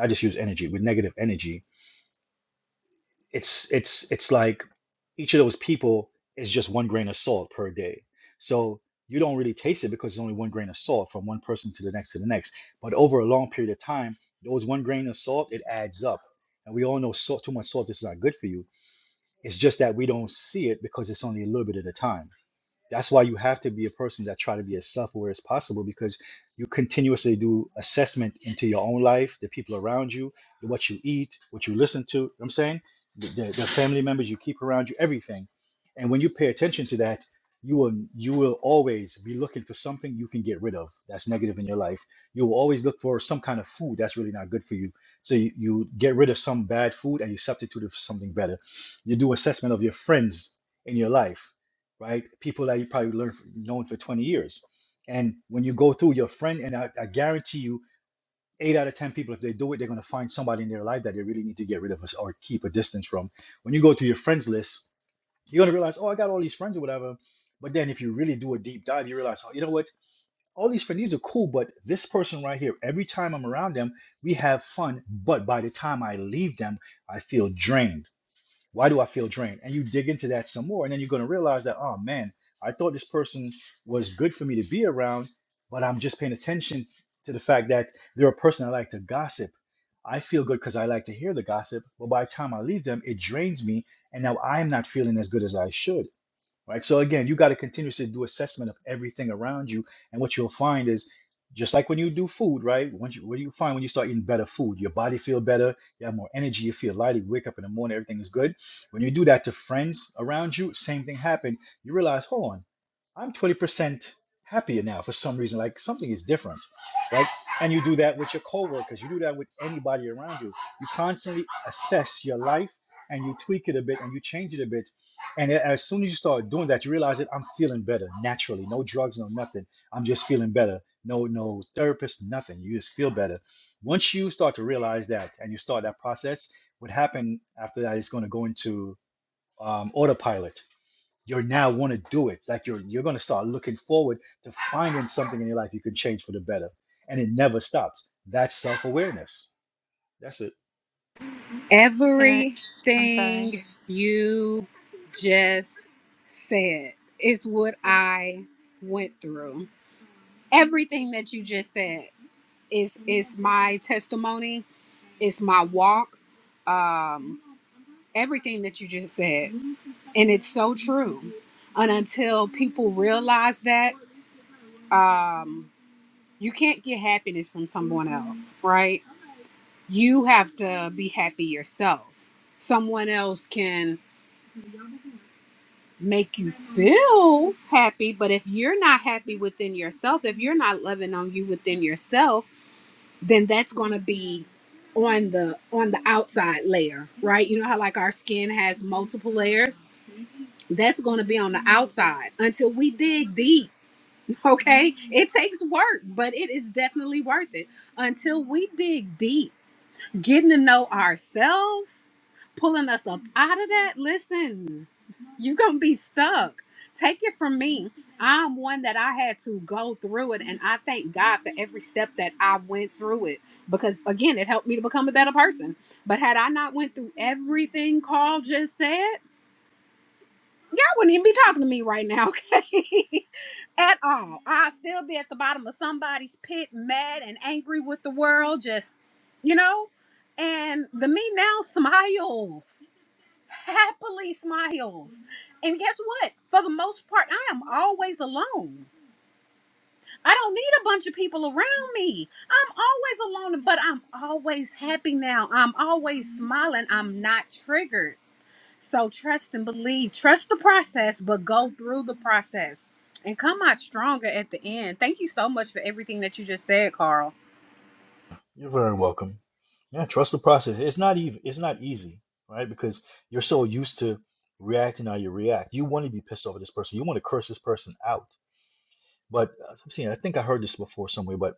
S7: i just use energy with negative energy it's it's it's like each of those people is just one grain of salt per day. So you don't really taste it because it's only one grain of salt from one person to the next to the next. But over a long period of time, those one grain of salt, it adds up. And we all know salt, too much salt is not good for you. It's just that we don't see it because it's only a little bit at a time that's why you have to be a person that try to be as self-aware as possible because you continuously do assessment into your own life, the people around you, what you eat, what you listen to. You know what I'm saying the, the, the family members you keep around you, everything. And when you pay attention to that, you will you will always be looking for something you can get rid of that's negative in your life. You will always look for some kind of food that's really not good for you. So you, you get rid of some bad food and you substitute it for something better. You do assessment of your friends in your life right? People that you probably learned from, known for 20 years. And when you go through your friend, and I, I guarantee you, eight out of 10 people, if they do it, they're going to find somebody in their life that they really need to get rid of us or keep a distance from. When you go through your friends list, you're going to realize, oh, I got all these friends or whatever. But then if you really do a deep dive, you realize, oh, you know what? All these friends, these are cool, but this person right here, every time I'm around them, we have fun. But by the time I leave them, I feel drained why do I feel drained? And you dig into that some more, and then you're going to realize that, oh man, I thought this person was good for me to be around, but I'm just paying attention to the fact that they're a person I like to gossip. I feel good because I like to hear the gossip, but by the time I leave them, it drains me, and now I'm not feeling as good as I should right? So again, you got to continuously do assessment of everything around you, and what you'll find is just like when you do food, right? Once you, what do you find when you start eating better food? Your body feel better, you have more energy, you feel lighter, you wake up in the morning, everything is good. When you do that to friends around you, same thing happened. You realize, hold on. I'm 20% happier now for some reason. Like something is different, right? And you do that with your coworkers. You do that with anybody around you. You constantly assess your life and you tweak it a bit and you change it a bit. And as soon as you start doing that, you realize that I'm feeling better naturally. No drugs, no nothing. I'm just feeling better. No, no therapist, nothing. You just feel better. Once you start to realize that and you start that process, what happened after that is going to go into um, autopilot you're now want to do it. Like you're you're going to start looking forward to finding something in your life you can change for the better, and it never stops. That's self awareness. That's it.
S3: Ener- I'm sorry.
S4: everything you just said is what i went through everything that you just said is is my testimony It's my walk um everything that you just said and it's so true and until people realize that um you can't get happiness from someone else right you have to be happy yourself someone else can make you feel happy but if you're not happy within yourself if you're not loving on you within yourself then that's going to be on the on the outside layer right you know how like our skin has multiple layers that's going to be on the outside until we dig deep okay it takes work but it is definitely worth it until we dig deep getting to know ourselves, pulling us up out of that. Listen, you're going to be stuck. Take it from me. I'm one that I had to go through it, and I thank God for every step that I went through it because, again, it helped me to become a better person. But had I not went through everything Carl just said, Y'all wouldn't even be talking to me right now, okay? at all. I'd still be at the bottom of somebody's pit, mad and angry with the world, just, you know? And the me now smiles, happily smiles. And guess what? For the most part, I am always alone. I don't need a bunch of people around me. I'm always alone, but I'm always happy now. I'm always smiling. I'm not triggered. So trust and believe. Trust the process, but go through the process and come out stronger at the end. Thank you so much for everything that you just said, Carl.
S7: You're very welcome. Yeah, trust the process. It's not even it's not easy, right? Because you're so used to reacting how you react. You want to be pissed off at this person. You want to curse this person out. But uh, I'm seeing, I think I heard this before somewhere. But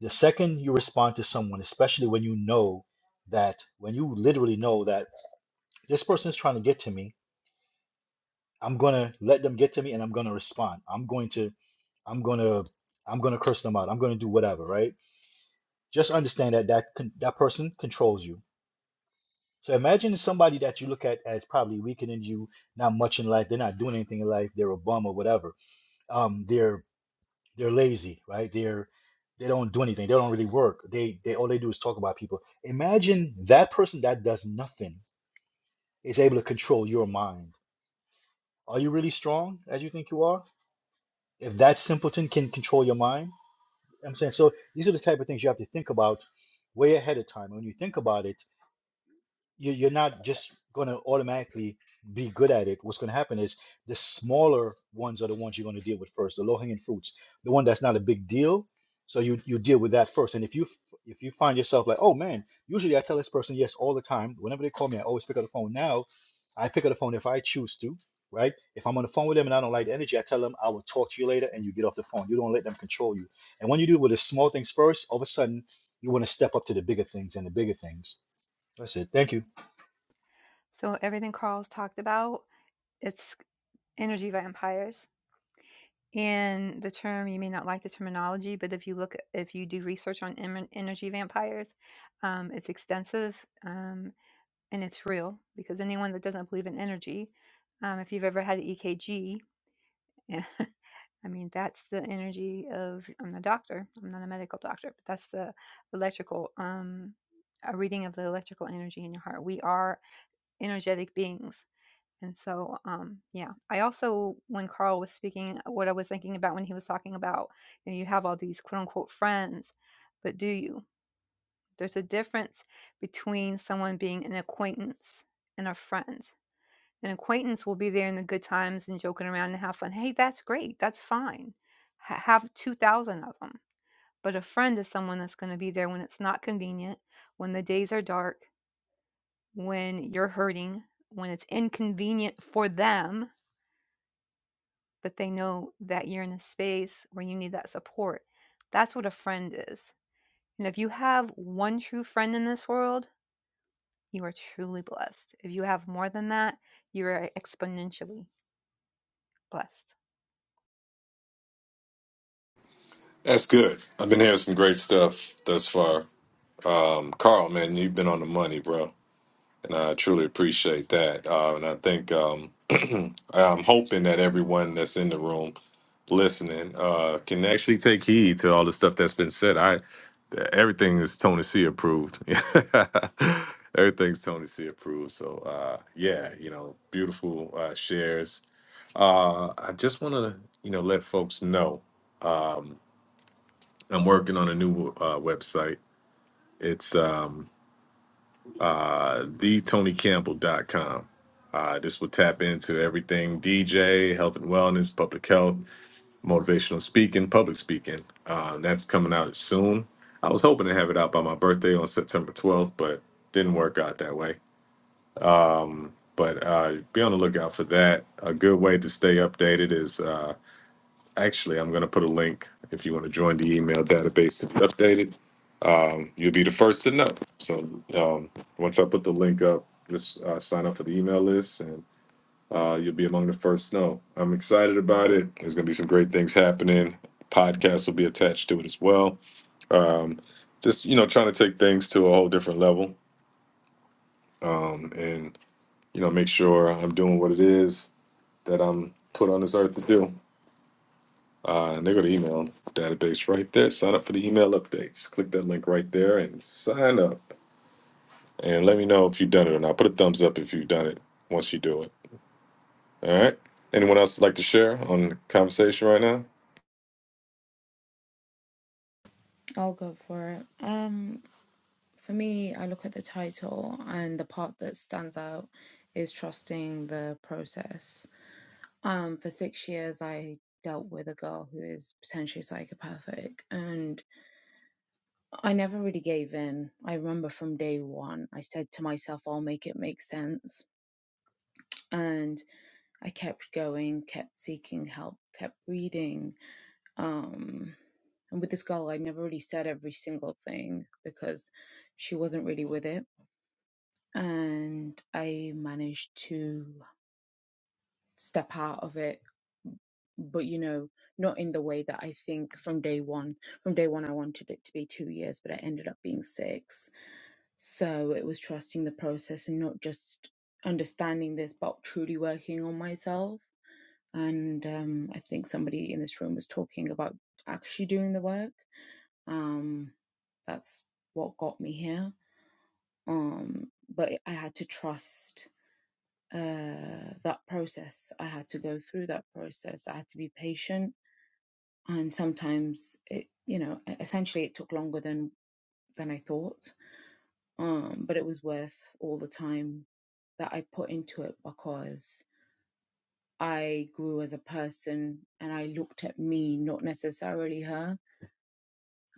S7: the second you respond to someone, especially when you know that when you literally know that this person is trying to get to me I'm gonna let them get to me and I'm gonna respond. I'm going to I'm gonna I'm gonna curse them out. I'm gonna do whatever, right? Just understand that that con- that person controls you. So imagine somebody that you look at as probably weaker than you, not much in life. They're not doing anything in life. They're a bum or whatever. Um, they're they're lazy, right? They're they don't do anything. They don't really work. They they all they do is talk about people. Imagine that person that does nothing is able to control your mind. Are you really strong as you think you are? if that simpleton can control your mind, I'm saying so these are the type of things you have to think about way ahead of time. And when you think about it, you, you're not just going to automatically be good at it. What's going to happen is the smaller ones are the ones you're going to deal with first, the low hanging fruits, the one that's not a big deal. So you you deal with that first. And if you if you find yourself like, oh man, usually I tell this person yes all the time. Whenever they call me, I always pick up the phone. Now I pick up the phone if I choose to. Right? If I'm on the phone with them and I don't like the energy, I tell them I will talk to you later, and you get off the phone. You don't let them control you. And when you do with the small things first, all of a sudden you want to step up to the bigger things and the bigger things. That's it. Thank you.
S3: So everything Carl's talked about, it's energy vampires. And the term you may not like the terminology, but if you look, if you do research on emer- energy vampires, um, it's extensive um, and it's real because anyone that doesn't believe in energy, um, if you've ever had an EKG, I mean that's the energy of. I'm a doctor. I'm not a medical doctor, but that's the electrical, um, a reading of the electrical energy in your heart. We are energetic beings And so, um, yeah, I also, when Carl was speaking, uh, what I was thinking about when he was talking about, you know, you have all these quote unquote friends, but do you? There's a difference between someone being an acquaintance and a friend. An acquaintance will be there in the good times and joking around and have fun. Hey, that's great. That's fine. Ha have 2,000 of them. But a friend is someone that's going to be there when it's not convenient, when the days are dark, when you're hurting, when it's inconvenient for them but they know that you're in a space where you need that support. That's what a friend is. And if you have one true friend in this world, you are truly blessed. If you have more than that, you are exponentially blessed.
S1: That's good. I've been hearing some great stuff thus far. Um, Carl, man, you've been on the money, bro, and I truly appreciate that. Uh, and I think. Um, I'm hoping that everyone that's in the room listening uh, can actually take heed to all the stuff that's been said. I everything is Tony C approved. Everything's Tony C approved. So uh, yeah, you know, beautiful uh, shares. Uh, I just want to you know let folks know um, I'm working on a new uh, website. It's um, uh, thetonycampbell.com. Uh, this will tap into everything DJ, health and wellness, public health, motivational speaking, public speaking. Uh, that's coming out soon. I was hoping to have it out by my birthday on September 12th, but didn't work out that way. Um, but uh, be on the lookout for that. A good way to stay updated is. uh, Actually, I'm going to put a link if you want to join the email database to be updated. Um, you'll be the first to know. So um, once I put the link up, just uh, sign up for the email list and uh, you'll be among the first to know. I'm excited about it. There's going to be some great things happening. Podcasts will be attached to it as well. Um, just, you know, trying to take things to a whole different level um, and, you know, make sure I'm doing what it is that I'm put on this earth to do. Uh, and they go to email database right there. Sign up for the email updates. Click that link right there and sign up. And let me know if you've done it or not. Put a thumbs up if you've done it once you do it. All right. Anyone else like to share on the conversation right now?
S8: I'll go for it. Um, for me, I look at the title, and the part that stands out is trusting the process. Um, for six years, I dealt with a girl who is potentially psychopathic, and I never really gave in. I remember from day one, I said to myself, I'll make it make sense. And I kept going, kept seeking help, kept reading. Um, and with this girl, I never really said every single thing because she wasn't really with it and I managed to step out of it, but you know, not in the way that I think from day one. From day one, I wanted it to be two years, but it ended up being six. So it was trusting the process and not just understanding this, but truly working on myself. And um, I think somebody in this room was talking about actually doing the work. Um, that's what got me here. Um, but I had to trust uh, that process. I had to go through that process. I had to be patient, and sometimes it, you know, e-, essentially it took longer than than I thought. Um, but it was worth all the time that I put into it because I grew as a person, and I looked at me, not necessarily her.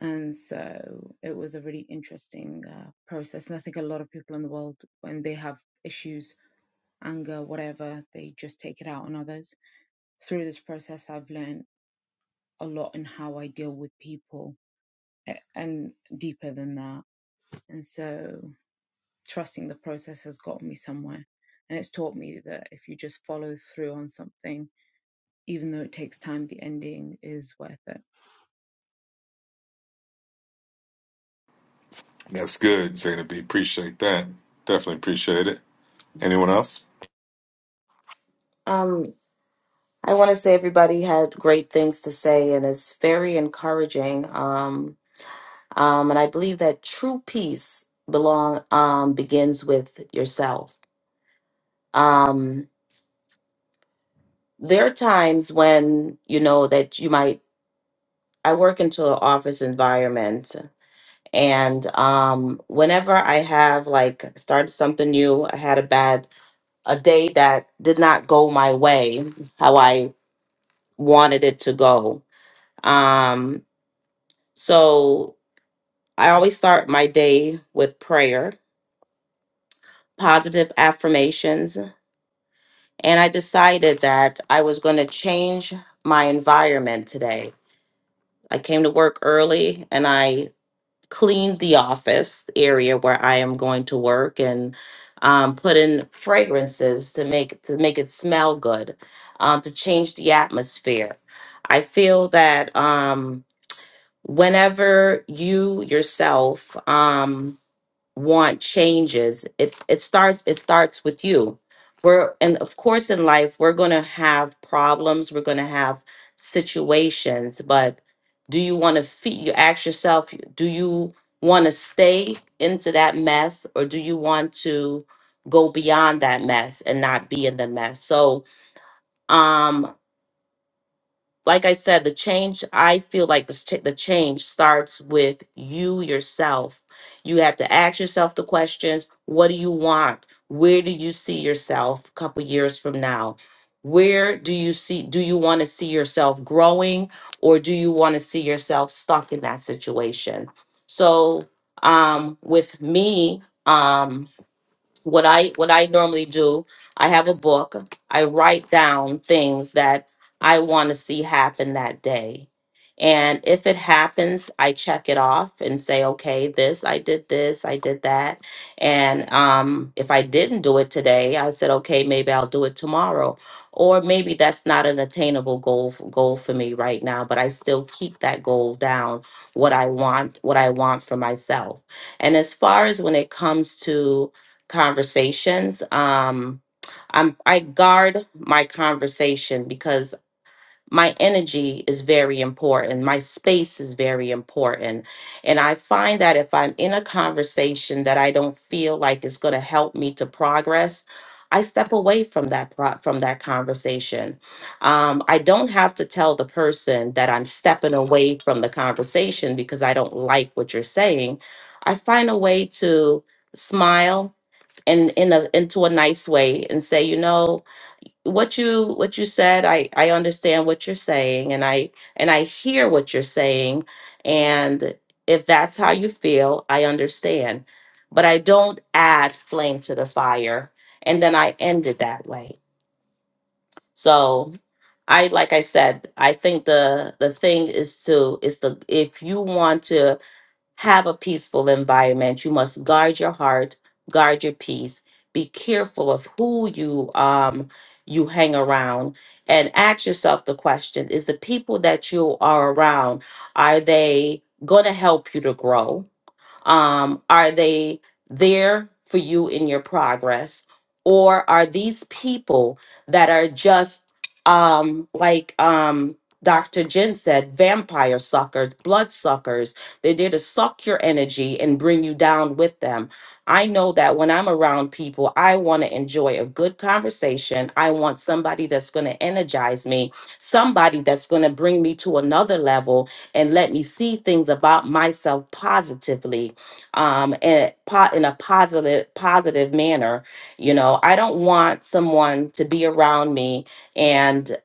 S8: And so it was a really interesting uh, process. And I think a lot of people in the world, when they have issues, anger, whatever, they just take it out on others through this process, I've learned a lot in how I deal with people a- and deeper than that. And so trusting the process has gotten me somewhere. And it's taught me that if you just follow through on something, even though it takes time, the ending is worth it.
S1: That's good, Zayna B. Appreciate that. Definitely appreciate it. Anyone else?
S5: Um, I want to say everybody had great things to say, and it's very encouraging. Um, um, and I believe that true peace belong um, begins with yourself. Um, there are times when you know that you might. I work into an office environment, and um, whenever I have like started something new, I had a bad a day that did not go my way how I wanted it to go. Um, So I always start my day with prayer, positive affirmations, and I decided that I was going to change my environment today. I came to work early and I cleaned the office area where I am going to work and um, put in fragrances to make to make it smell good, um, to change the atmosphere. I feel that um, whenever you yourself um, want changes it it starts it starts with you we're and of course in life we're going to have problems we're going to have situations but do you want to feed you ask yourself do you want to stay into that mess or do you want to go beyond that mess and not be in the mess so um like I said, the change, I feel like this ch- the change starts with you yourself. You have to ask yourself the questions what do you want? Where do you see yourself a couple years from now? Where do you see, do you want to see yourself growing or do you want to see yourself stuck in that situation? So, um, with me, um, what I what I normally do, I have a book. I write down things that I want to see happen that day. And if it happens, I check it off and say, okay, this, I did this, I did that. And um, if I didn't do it today, I said, okay, maybe I'll do it tomorrow. Or maybe that's not an attainable goal f- goal for me right now, but I still keep that goal down, what I want, what I want for myself. And as far as when it comes to conversations. Um, I'm I guard my conversation because my energy is very important. My space is very important, and I find that if I'm in a conversation that I don't feel like is going to help me to progress. I step away from that pro- from that conversation. Um, I don't have to tell the person that I'm stepping away from the conversation because I don't like what you're saying. I find a way to smile and in a into a nice way and say you know what you what you said i i understand what you're saying and i and i hear what you're saying and if that's how you feel i understand but i don't add flame to the fire and then i end it that way so i like i said i think the the thing is to is to if you want to have a peaceful environment. You must guard your heart, guard your peace. Be careful of who you um you hang around and ask yourself the question is the people that you are around are they going to help you to grow um, are they there for you in your progress? Or are these people that are just um, like um, Dr. Jen said, vampire suckers, blood suckers? They're there to suck your energy and bring you down with them. I know that when I'm around people, I want to enjoy a good conversation. I want somebody that's going to energize me, somebody that's going to bring me to another level and let me see things about myself positively um and pot in a positive positive manner you know i don't want someone to be around me and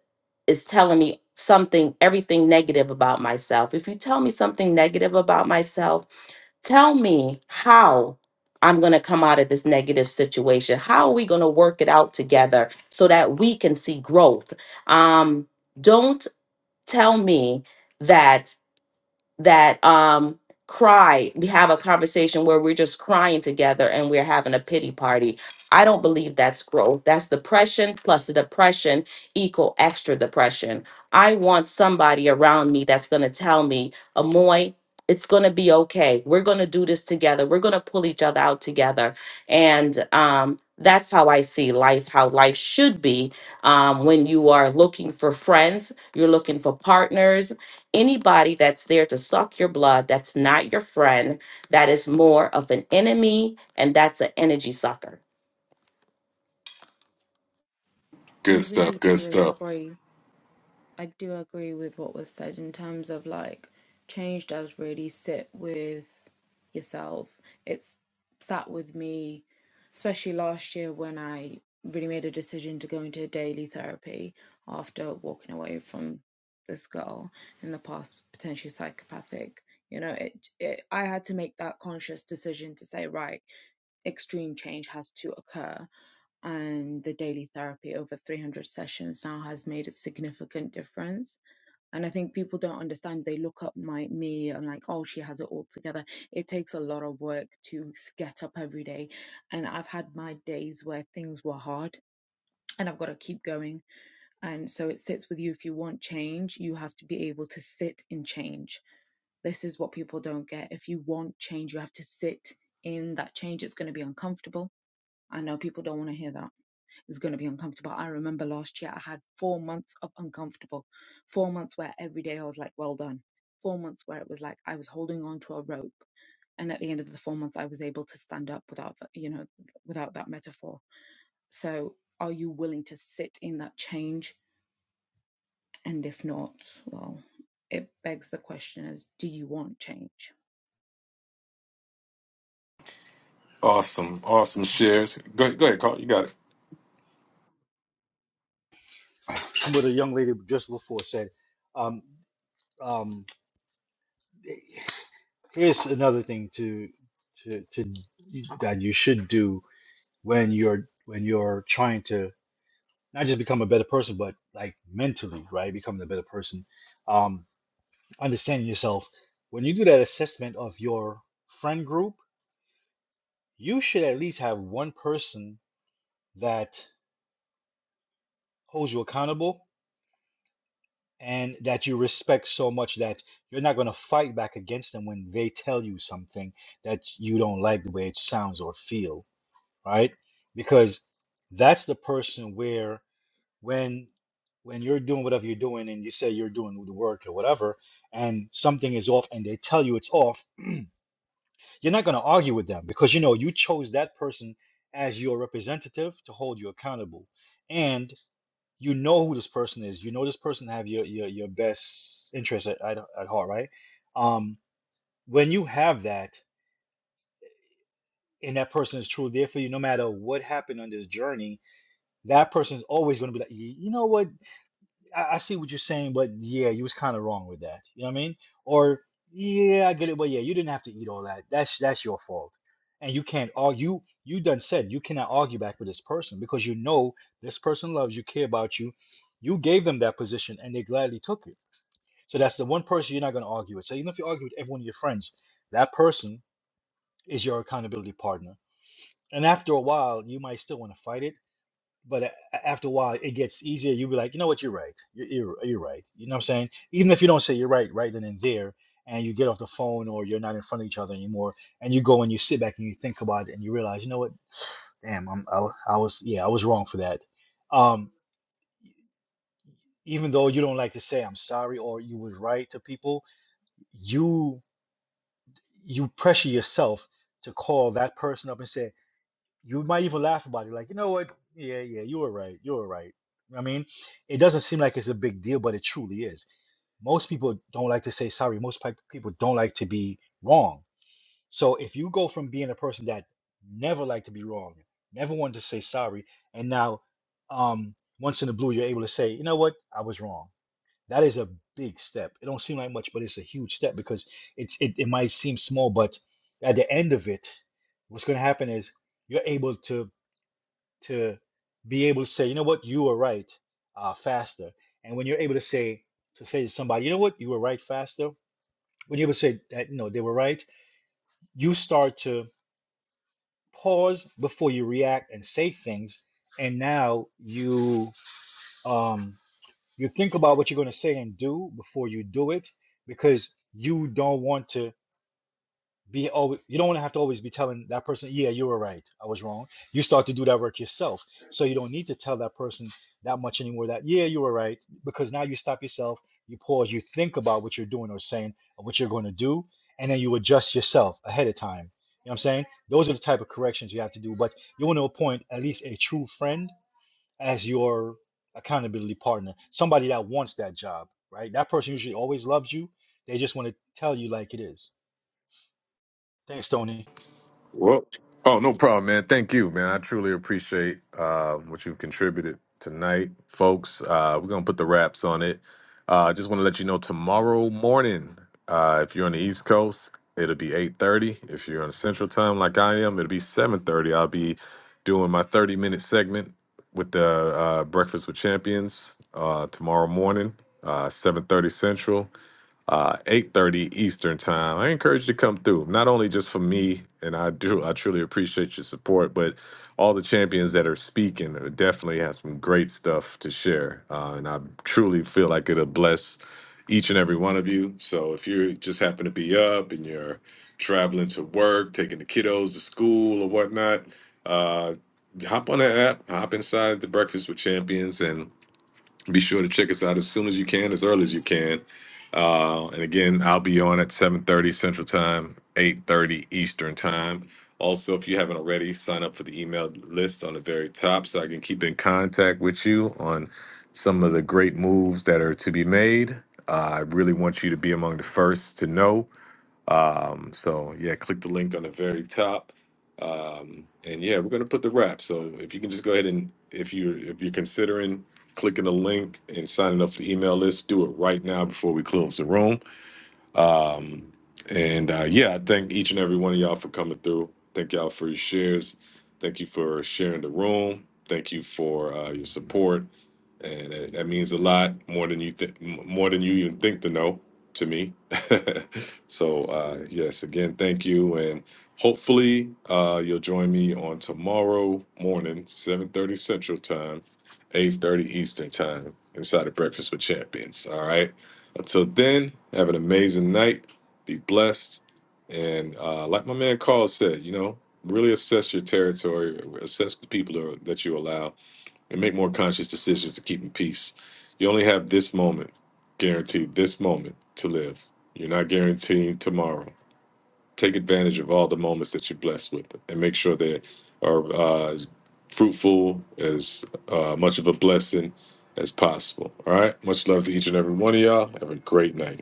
S5: is telling me something everything negative about myself if you tell me something negative about myself tell me how i'm going to come out of this negative situation how are we going to work it out together so that we can see growth um don't tell me that that um cry we have a conversation where we're just crying together and we're having a pity party i don't believe that's growth that's depression plus the depression equal extra depression i want somebody around me that's going to tell me amoy it's going to be okay we're going to do this together we're going to pull each other out together and um that's how i see life how life should be um, when you are looking for friends you're looking for partners Anybody that's there to suck your blood, that's not your friend, that is more of an enemy, and that's an energy sucker.
S8: I
S1: Good
S8: really
S1: stuff. Good
S8: do
S1: stuff.
S8: agree. I do agree with what was said in terms of like change does really sit with yourself. It's sat with me, especially last year when I really made a decision to go into daily therapy after walking away from this girl in the past, potentially psychopathic. You know, it, it I had to make that conscious decision to say, right, extreme change has to occur and the daily therapy over 300 sessions now has made a significant difference and i think people don't understand they look up my me and like oh she has it all together it takes a lot of work to get up every day and i've had my days where things were hard and I've got to keep going. And so it sits with you. If you want change, you have to be able to sit in change. This is what people don't get. If you want change, you have to sit in that change. It's going to be uncomfortable. I know people don't want to hear that it's going to be uncomfortable. I remember last year I had four months of uncomfortable, four months where every day I was like, well done, four months where it was like I was holding on to a rope. And at the end of the four months, I was able to stand up without, the- you know, without that metaphor. So are you willing to sit in that change? And if not, well, it begs the question is, do you want change?
S1: Awesome. Awesome shares. Go, go ahead, Carl. You got it.
S7: what a young lady just before said. Um, um, here's another thing to to to that you should do when you're when you're trying to not just become a better person, but like mentally, right? Becoming a better person, um, understanding yourself. When you do that assessment of your friend group, you should at least have one person that holds you accountable and that you respect so much that you're not going to fight back against them when they tell you something that you don't like the way it sounds or feel right because that's the person where when when you're doing whatever you're doing and you say you're doing the work or whatever and something is off and they tell you it's off you're not going to argue with them because you know you chose that person as your representative to hold you accountable and you know who this person is. You know this person have your your your best interest at, at, at heart, right? Um, when you have that, and that person is true there for you, no matter what happened on this journey, that person is always going to be like, "Y- you know what, I, I see what you're saying, but yeah, you was kind of wrong with that. You know what I mean? Or yeah, I get it, but yeah, you didn't have to eat all that. That's that's your fault. And you can't argue. You done said you cannot argue back with this person because you know this person loves you, care about you. You gave them that position, and they gladly took it So that's the one person you're not going to argue with. So even if you argue with every one of your friends, that person is your accountability partner. And after a while, you might still want to fight it, but a- a- after a while, it gets easier. You'll be like, you know what, you're right. You're, you're, you're right. You know what I'm saying? Even if you don't say you're right right then and there, and you get off the phone or you're not in front of each other anymore, and you go and you sit back and you think about it and you realize, you know what, damn, I'm, I, wa- I was, yeah, I was wrong for that. Um, even though you don't like to say I'm sorry or you was right to people, you you pressure yourself to call that person up and say, you might even laugh about it, like, you know what? Yeah, yeah, you were right. You were right. I mean, it doesn't seem like it's a big deal, but it truly is. Most people don't like to say sorry. Most pe- people don't like to be wrong. So if you go from being a person that never liked to be wrong, never wanted to say sorry, and now um, once in a blue, you're able to say, you know what? I was wrong. That is a big step. It don't seem like much, but it's a huge step because it's it, it might seem small, but at the end of it, what's going to happen is you're able to to be able to say, you know what, you were right uh, faster. And when you're able to say to say to somebody, you know what, you were right faster. When you're able to say that, you know, they were right, you start to pause before you react and say things. And now you um You think about what you're going to say and do before you do it because you don't want to be always, you don't want to have to always be telling that person, yeah, you were right. I was wrong. You start to do that work yourself. So you don't need to tell that person that much anymore that, yeah, you were right. Because now you stop yourself, you pause, you think about what you're doing or saying or what you're going to do, and then you adjust yourself ahead of time. You know what I'm saying? Those are the type of corrections you have to do. But you want to appoint at least a true friend as your accountability partner, somebody that wants that job, right? That person usually always loves you. They just want to tell you like it is. Thanks, Tony.
S1: Well, oh, no problem, man. Thank you, man. I truly appreciate uh, what you've contributed tonight, folks. Uh, we're gonna put the wraps on it. Uh, just want to let you know tomorrow morning, uh, if you're on the East Coast, it'll be 8:30. If you're on Central Time, like I am, it'll be 7:30. I'll be doing my 30-minute segment with the uh, Breakfast with Champions uh, tomorrow morning, uh, 7:30 Central uh, 8.30 Eastern time. I encourage you to come through, not only just for me, and I do, I truly appreciate your support, but all the champions that are speaking are- definitely have some great stuff to share. Uh, and I truly feel like it'll bless each and every one of you. So if you just happen to be up and you're traveling to work, taking the kiddos to school or whatnot, uh, hop on that app, hop inside the Breakfast with Champions and be sure to check us out as soon as you can, as early as you can. Uh, and again, I'll be on at 7:30 Central Time, 8:30 Eastern Time. Also, if you haven't already, sign up for the email list on the very top so I can keep in contact with you on some of the great moves that are to be made. Uh, I really want you to be among the first to know. Um, so yeah, click the link on the very top. Um, and yeah, we're gonna put the wrap. So if you can just go ahead and if you if you're considering clicking the link and signing up for the email list, do it right now before we close the room. Um, and uh, yeah, I thank each and every one of y'all for coming through. Thank y'all for your shares. Thank you for sharing the room. Thank you for uh, your support, and it, that means a lot more than you think, more than you even think to know to me. so uh, yes, again, thank you, and hopefully uh, you'll join me on tomorrow morning, seven thirty Central Time, eight thirty Eastern Time, inside of Breakfast with Champions. All right. Until then, have an amazing night. Be blessed. And uh, like my man Carl said, you know, really assess your territory, assess the people that are- that you allow, and make more conscious decisions to keep in peace. You only have this moment, guaranteed this moment to live. You're not guaranteed tomorrow. Take advantage of all the moments that you're blessed with and make sure they are uh, as fruitful, as uh, much of a blessing as possible. All right. Much love to each and every one of y'all. Have a great night.